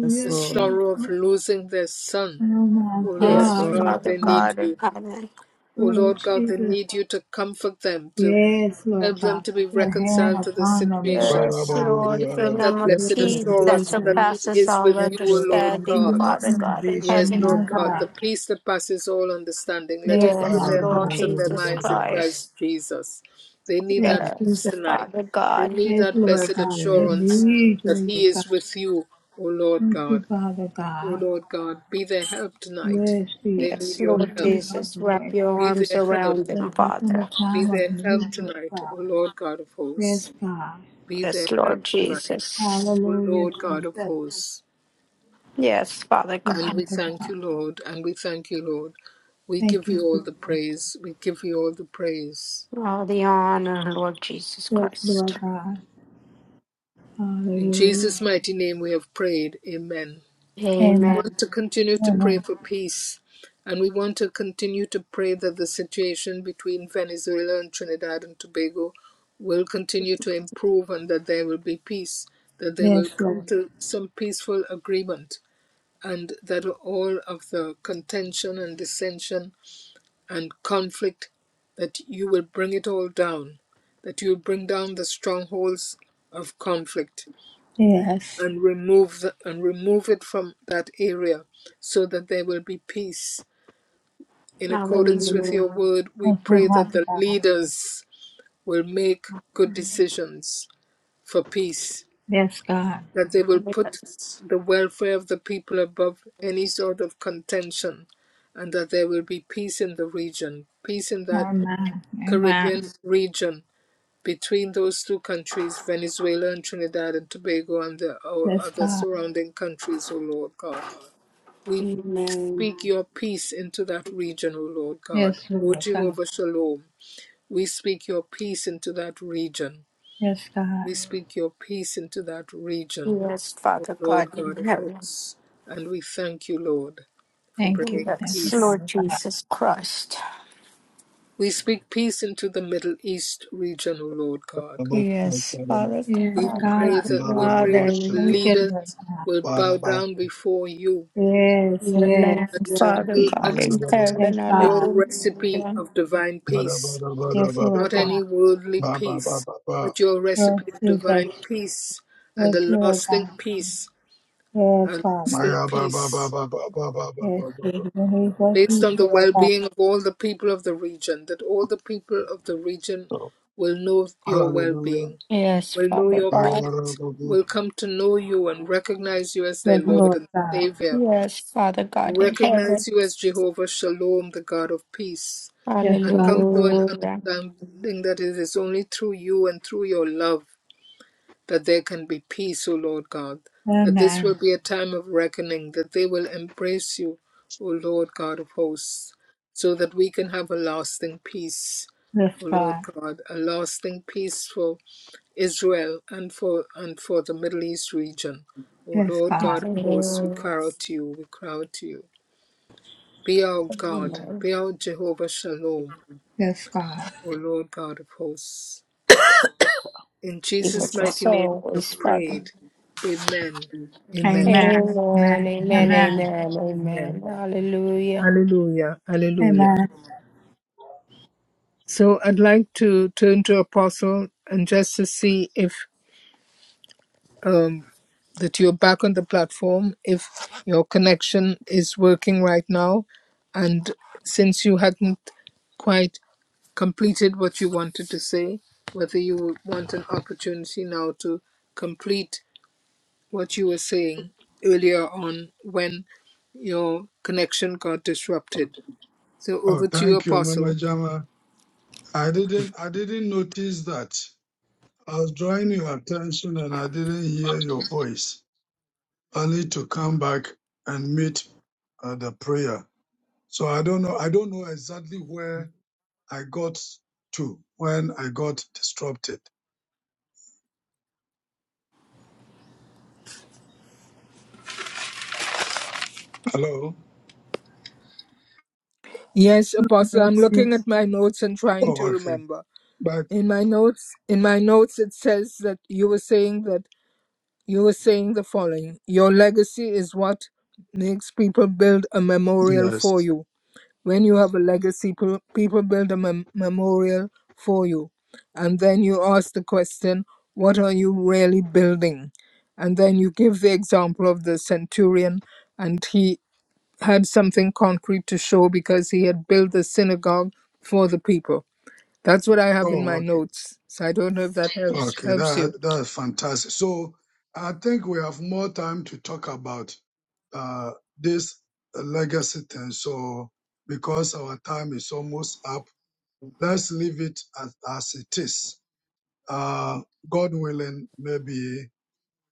Yes,
The
Lord.
Jesus.
sorrow of
Oh
losing their son.
my
O Lord
Yes,
Yes,
God,
Lord.
God,
Lord
Father
they need
God.
God in
you.
heaven.
O
Oh
Lord God, they
Jesus.
need you to comfort them, to
Yes, Lord
Help them
God.
to be
Put your hand
reconciled to this
upon them,
situation.
Lord
Yes,
God.
To
Lord,
give
bring
them
them
that
a
Yes,
blessed
Yes,
Lord.
peace that
Yes,
assurance
Lord.
that
Jesus.
He
surpasses
is
all
with
Yes,
you, O
Lord. May
Lord
the
understanding,
fruit
God.
of
Father
Mm-hmm.
God in
salvation
Yes,
heaven.
be
Lord
My
on
God,
God.
the peace that passes all understanding, let it
Yes,
fill
Yes,
their
Father
Lord
God.
hearts
Hallelujah.
and their
Jesus
minds in
Christ.
Christ Jesus. They need
Yes,
that
me.
Yes,
peace
Jesus.
tonight.
Father
They
God.
need
Yes,
that
Lord
blessed
God. Yes,
Yeah.
assurance
you,
that He
Lord God.
is with you, O Lord
Thank you,
God.
Father
O
God.
Lord God, be their help tonight.
Yes,
They
Jesus.
need
Yes,
your
Lord
help.
You help,
Jesus, wrap
Lord
your
Be
God.
arms
their help.
around them,
Yes, help in the
Father.
Be
time of
their help
need, Lord
tonight,
God.
O Lord God of hosts.
Yes, God.
Be their
Yes,
help
Lord
tonight,
Jesus.
O
Hallelujah,
Lord God of
Jesus.
hosts.
Yes, Father
you,
And
God.
we
Father
thank
God.
you, Lord, and we thank you, Lord. We
Thank
give you
you,
all
Jesus.
the praise. We give you all the praise.
All the honor, Lord Jesus
Yes,
Christ.
Lord God.
In
Hallelujah.
Jesus' mighty name we have prayed. Amen. We
Amen.
want to continue to pray
Amen.
for peace. And we want to continue to pray that the situation between Venezuela and Trinidad and Tobago will continue to improve and that there will be peace, that they will
Yes,
come
Lord.
to some peaceful agreement. and that all of the contention and dissension and conflict, that you will bring it all down, that you will bring down the strongholds of conflict
Yes.
and remove the, and remove it from that area so that there will be peace. In accordance with
Hallelujah.
your word, we
Thank you,
pray that
Father
the leaders will make good
God.
decisions for peace
Yes, God.
that they will put
Yes.
the welfare of the people above any sort of contention and that there will be peace in the region, peace in that
Amen.
Caribbean
Amen.
region between those two countries, Venezuela and Trinidad and Tobago and the o-
Yes,
other
God.
surrounding countries, O Lord God. We
Amen.
speak your peace into that region, O Lord God.
Yes,
O
Lord God.
Jehovah Shalom, we speak your peace into that region.
Yes, God.
We speak your peace into that region,
Yes,
O
Father
Lord
God in
God of
heaven.
hosts, and we thank you, Lord, for
Thank you.
bringing
Thank you,
Yes,
peace.
Lord
Father God.
Jesus Christ.
We speak peace into the Middle East region, O Lord God.
Yes, Father
Yes,
We
God,
God.
and
pray that we pray
Father,
that the
and
Thank you,
leaders
Lord God.
will bow down before you
Yes,
your
yes,
Lamb,
and
yes.
Father
will
God in
accept
Yes,
heaven.
your
God.
recipe
Hallelujah.
of divine peace,
Yes, Lord
not
God.
any worldly peace, but your
Yes,
recipe of divine
Jesus.
peace and
Yes,
a
Lord
lasting
God.
peace,
Yes,
a
Father.
lasting peace
Yes, yes, when we go
based on the
Lord
well
God,
being of all the people of the region, that all the people of the region will know your well being,
Yes,
will know
Father
your
God.
peace, will come to know you and recognize you as their
yes,
Lord
Lord
and
God,
Savior,
Yes, Father
and
God in heaven.
recognize you as Jehovah Shalom, the God of peace,
yes,
and
God,
come to an
Hallelujah.
understanding that it is only through you and through your love that there can be peace, O Lord God, that this will
amen,
be a time of reckoning, that they will embrace you, O Lord God of hosts, so that we can have a lasting peace,
yes,
O Lord
God,
God, a lasting peace for Israel and for and for the Middle East region. O
yes,
Lord
Yes.
God
God,
of hosts, we cry out to you, we cry out to you. Be our God,
Amen.
be our Jehovah Shalom,
yes, God,
O Lord God of hosts. In
Give
Jesus'
us us
mighty name, we
always,
have
Father.
prayed. Amen. Amen.
amen,
Amen.
amen,
Amen.
amen,
Amen.
Amen.
Amen. Hallelujah.
Hallelujah. Hallelujah.
amen,
So I'd like to turn to Apostle and just to see if um, that you're back on the platform, if your connection is working right now. And since you hadn't quite completed what you wanted to say, whether you want an opportunity now to complete what you were saying earlier on when your connection got disrupted. So over
Oh,
to you,
thank you, Mama
Apostle.
Jama. I didn't, I didn't notice that. I was drawing your attention and I didn't hear your voice. I need to come back and meet uh, the prayer. So I don't know. I don't know exactly where I got to when I got disrupted. Hello.
Yes, Apostle, I'm
mercy,
looking at my notes and trying to
Oh, okay.
remember.
But
In my notes, in my notes it says that you were saying that you were saying the following. Your legacy is what makes people build a memorial for
yes.
you. When you have a legacy, pe- people build a mem- memorial for you. And then you ask the question, what are you really building? And then you give the example of the centurion, and he had something concrete to show because he had built the synagogue for the people. That's what I have in
Oh,
my
okay.
notes. So I don't know if that helps
Okay.
helps you.
That that's fantastic. So I think we have more time to talk about uh, this legacy thing. So because our time is almost up, let's leave it as, as it is. Uh, God willing, maybe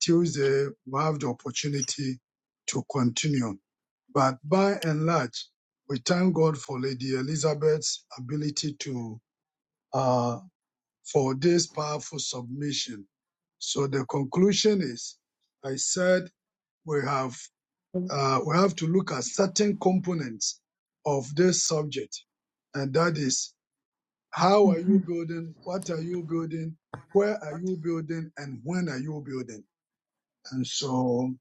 Tuesday we'll have the opportunity to continue. But by and large, we thank God for Lady Elizabeth's ability to, uh, for this powerful submission. So the conclusion is, I said we have, uh, we have to look at certain components of this subject. And that is, how are you
mhm,
building? What are you building? Where are you building? And when are you building? And so,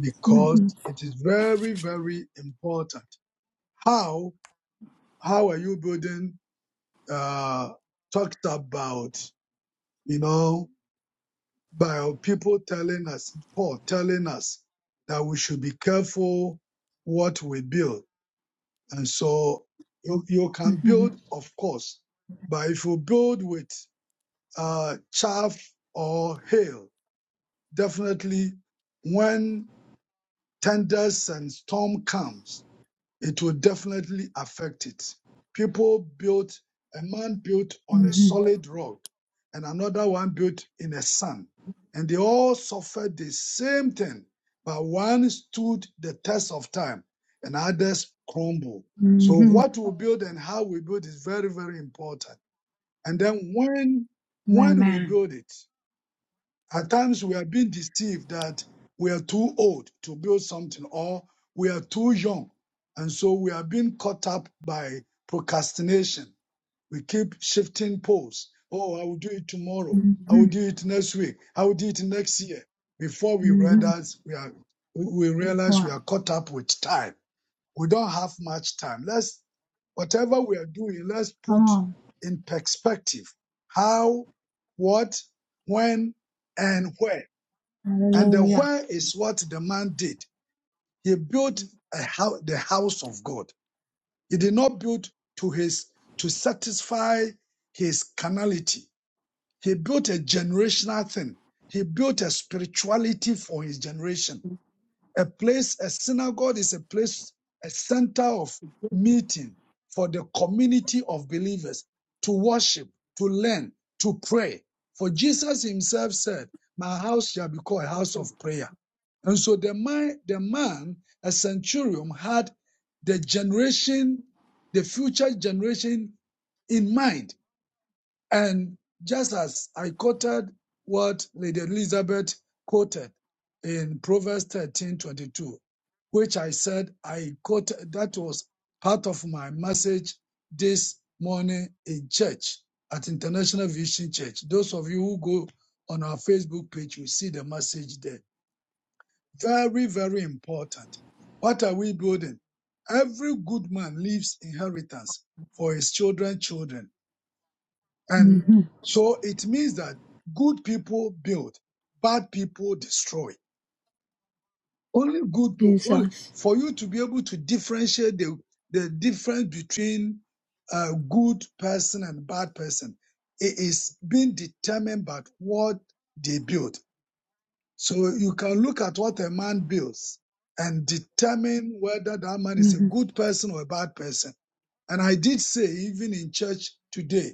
because
mhm,
it is very, very important. How how are you building uh talked about you know by people telling us paul telling us that we should be careful what we build and so you, you can
mhm,
build of course but if you build with uh chaff or hail definitely when tenders and storm comes it will definitely affect it. People built, a man built on a
mhm,
solid rock and another one built in the sand. And they all suffered the same thing, but one stood the test of time and others crumbled. So
mhm,
what we build and how we build is very, very important. And then when, when we
amen,
build it, at times we are being deceived that we are too old to build something or we are too young. And so we are being caught up by procrastination. We keep shifting poles. Oh, I will do it tomorrow. I will
mhm,
do it next week. I will do it next year. Before we
mhm,
realize we are, we
Yes,
realize we
Lord.
are caught up with time. We don't have much time. Let's, whatever we are doing, let's
come
put
on,
in perspective how, what, when, and where and the
hallelujah,
where is what the man did. He built a house, the house of God. He did not build to his to satisfy his carnality. He built a generational thing. He built a spirituality for his generation. A place, a synagogue is a place, a center of meeting for the community of believers to worship, to learn, to pray. For Jesus himself said, My house shall be called a house of prayer. And so the man, the man, a centurion, had the generation, the future generation in mind. And just as I quoted what Lady Elizabeth quoted in Proverbs thirteen twenty two, which I said I quoted, that was part of my message this morning in church at International Vision Church. Those of you who go on our Facebook page will see the message there. Very, very important. What are we building? Every good man leaves inheritance for his children, children. And
mhm,
so it means that good people build, bad people destroy. Only good people, only,
Jesus,
for you to be able to differentiate the, the difference between a good person and bad person, it is being determined by what they build. So you can look at what a man builds and determine whether that man is a
mhm,
good person or a bad person. And I did say, even in church today,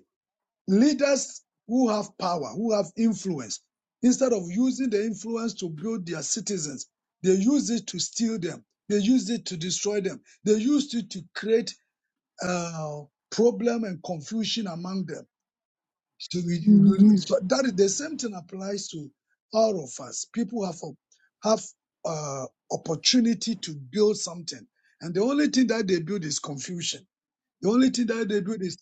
leaders who have power, who have influence, instead of using the influence to build their citizens, they use it to steal them. They use it to destroy them. They used it to create uh, problem and confusion among them. So, we, we-
mhm,
so that is the same thing applies to all of us. People have a, have uh, opportunity to build something, and the only thing that they build is confusion. The only thing that they do is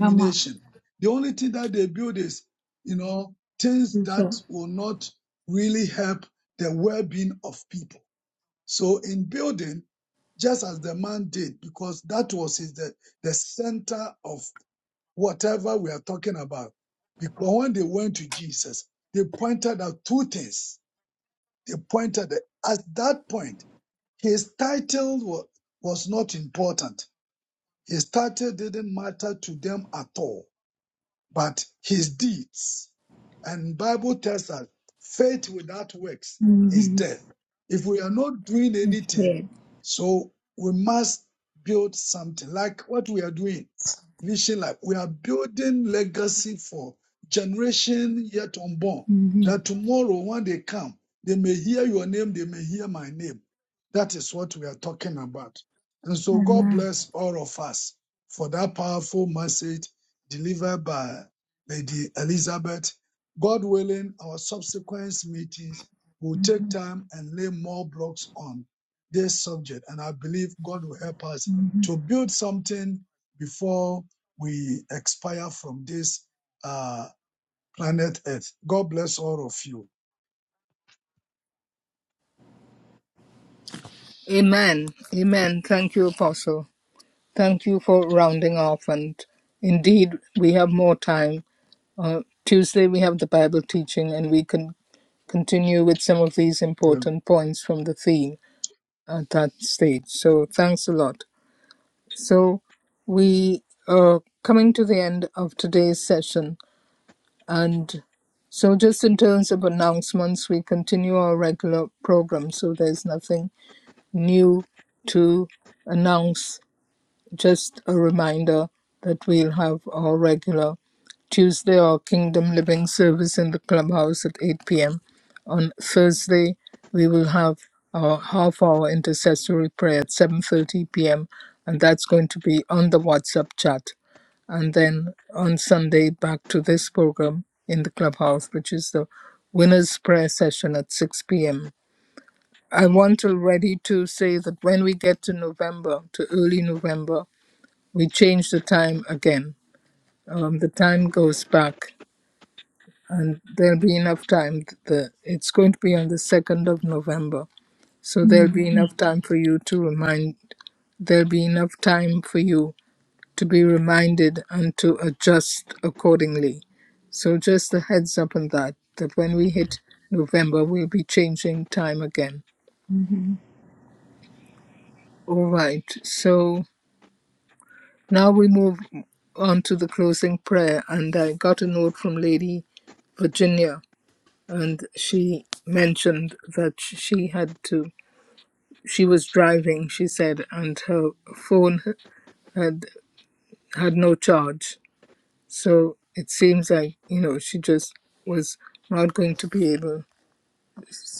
come on,
The only thing that they build is, you know, things
Jesus,
that will not really help the well-being of people. So in building, just as the man did, because that was his, the, the center of whatever we are talking about. Because when they went to Jesus, they pointed out two things. They pointed at at that point, his title was, was not important his title didn't matter to them at all but his deeds. And Bible tells us faith without works is
mhm,
death. If we are not doing
yes,
anything,
Lord,
so we must build something like what we are doing. Vision Life. We are building legacy for generation yet unborn.
mhm,
That tomorrow when they come, they may hear your name, they may hear my name. That is what we are talking about. And so God
amen.
bless all of us for that powerful message delivered by Lady Elizabeth. God willing, our subsequent meetings will take
Mhm,
time and lay more blocks on this subject. And I believe God will help us
mhm,
to build something before we expire from this uh, planet Earth. God bless all of you.
Amen. Amen. Thank you, Apostle. Thank you for rounding off. And indeed, we have more time Uh, Tuesday, we have the Bible teaching, and we can continue with some of these
Well,
important points from the theme at that stage. So, thanks a lot. So, we are coming to the end of today's session, and so just in terms of announcements, we continue our regular program, so there's nothing new to announce, just a reminder that we'll have our regular Tuesday, our Kingdom Living service in the clubhouse at 8 p.m. On Thursday, we will have our half-hour intercessory prayer at 7:30 p.m. and that's going to be on the WhatsApp chat. And then on Sunday, back to this program in the clubhouse, which is the winners' prayer session at 6 p.m. I want already to say that when we get to November, to early November, we change the time again. Um, the time goes back and there'll be enough time. The it's going to be on the second of November, so there'll
mhm,
be enough time for you to remind. There'll be enough time for you to be reminded and to adjust accordingly. So just a heads up on that. That when we hit November, we'll be changing time again. All right. So now we move on to the closing prayer, and I got a note from Lady Virginia, and she mentioned that she had to. she was driving she said and her phone had had no charge so it seems like you know she just was not going to be able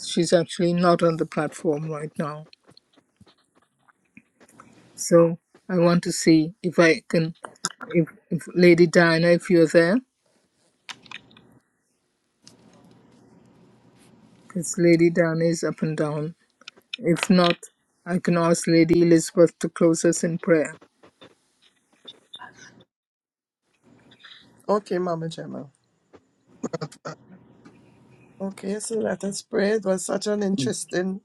she's actually not on the platform right now so i want to see if i can if, if lady diana if you're there because lady diana is up and down if not i can ask lady elizabeth to close us in prayer
Okay, Mama Gemma. Okay, so let us pray. It was such an interesting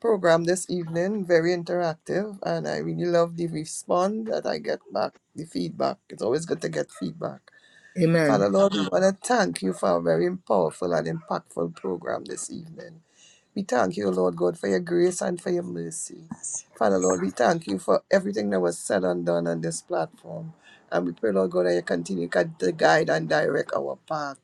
program this evening, very interactive, and I really love the response that I get back, the feedback. It's always good to get feedback.
amen
Father Lord, we want to thank you for a very powerful and impactful program this evening. We thank you, Lord God, for your grace and for your mercy. Father Lord, we thank you for everything that was said and done on this platform. And we pray, Lord God, that you continue to guide and direct our path.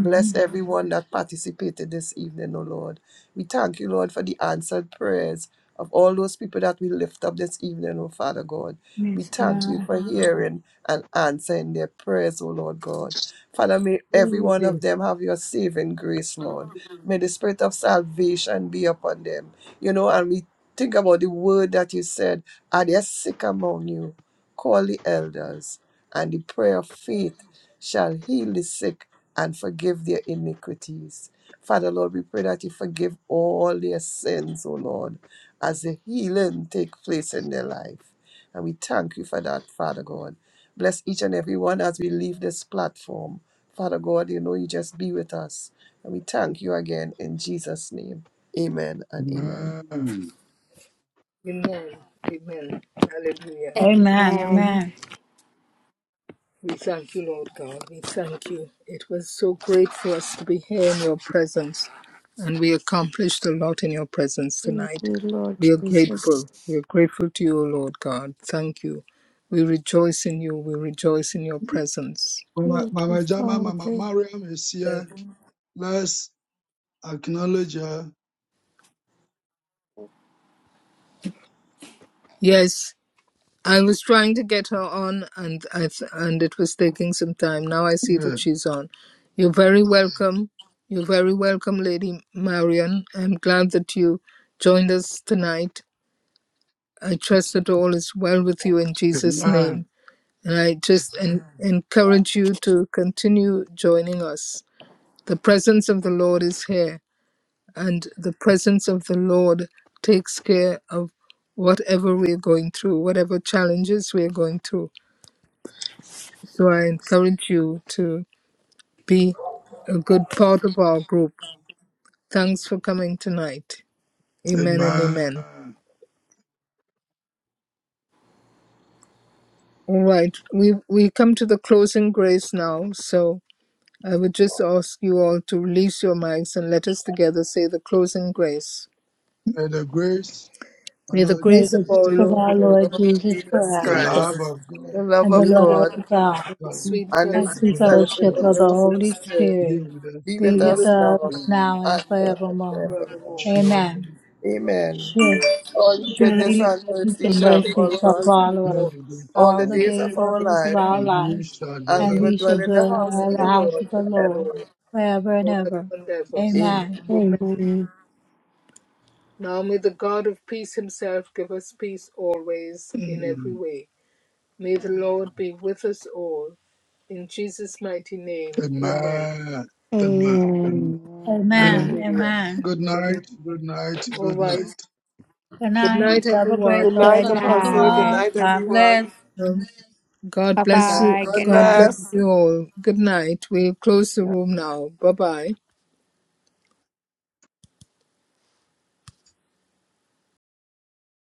Bless everyone that participated this evening, O Lord. We thank you, Lord, for the answered prayers of all those people that we lift up this evening, O Father God. We
Yes,
thank you
God.
for hearing and answering their prayers, O Lord God. Father, may every one of them have your saving grace, Lord. May the spirit of salvation be upon them. You know, and we think about the word that you said, are there sick among you? Call the elders, and the prayer of faith shall heal the sick and forgive their iniquities. Father, Lord, we pray that you forgive all their sins, O Lord, as the healing take place in their life. And we thank you for that, Father God. Bless each and every one as we leave this platform. Father God, you know, you just be with us. And we thank you again in Jesus' name. Amen and amen.
Amen.
amen amen hallelujah
Amen.
Amen.
Amen.
We thank you, Lord God. We thank you. It was so great for us to be here in your presence, and we accomplished a lot in your presence
Thank
tonight.
you, Lord
We are
Jesus.
grateful. We are grateful to you, O Lord God. Thank you. We rejoice in you. We rejoice in your presence.
Mama,
Thank you,
Mama Jama, Mama
Father.
Mariam is here.
Thank you.
Let's acknowledge her.
Yes, I was trying to get her on, and I th- and it was taking some time. Now I see
Yeah.
that she's on. You're very welcome. You're very welcome, Lady Marian. I'm glad that you joined us tonight. I trust that all is well with you in Jesus'
Amen.
name. And I just en- encourage you to continue joining us. The presence of the Lord is here, and the presence of the Lord takes care of whatever we're going through, whatever challenges we're going through. So I encourage you to be a good part of our group. Thanks for coming tonight. Amen and amen.
Amen.
All right, we we come to the closing grace now. So I would just ask you all to release your mics and let us together say the closing grace.
May the grace of our
May the
Lord
May
grace of
the
Jesus,
our
grace of our
Oh
Lord
Lord
Lord
Jesus
Jesus
the
Christ
Jesus
love
Christ,
Christ,
of God,
the love
and
the
the
of
love
love of
of
God,
God,
God
the
the
sweet
and the
and
fellowship
the
sweet
Holy
fellowship
fellowship
of
of
Spirit,
the
the Holy
Holy
Spirit
be
Spirit
with us
be
be
with
be
now
with
with
us
us
and
us
now
forever.
now
and
and forevermore.
forevermore.
forevermore.
Amen.
Surely,
Amen.
Amen.
Sure.
All
Surely
goodness
the
and
goodness
mercy
and
shall
mercy shall
follow us
follow
all
us
Lord,
the days of
all
all
the
our
the
life,
days
days
of our
praise the
of
life,
our
and we
lives,
shall
and we
and
dwell.
will
we shall
dwell in the
dwell
house
in
Lord,
the
of the
house
Lord
of the
praise the
Lord
forever.
Lord,
forever and
forever
ever.
and ever.
Amen.
Amen.
Amen.
Now may the God of peace himself give us peace always in every
in
way. May the Lord be with us all. In Jesus' mighty name, amen.
Amen. Amen. Amen.
Amen. Amen.
Amen.
Amen.
Hallelujah.
Amen.
Good
Hallelujah.
night. Good night.
All
Good
right.
night.
Good
Good
night.
night,
Double
everyone.
grace
Good
of
Good
night,
shalom to
Apostle. Good
night.
all.
night,
God bless.
everyone.
Um, God
Bye
Good
bless
night.
you.
bye. Good
God
God
night.
bless
bless.
you all. Good night. We'll close the room now. Bye bye.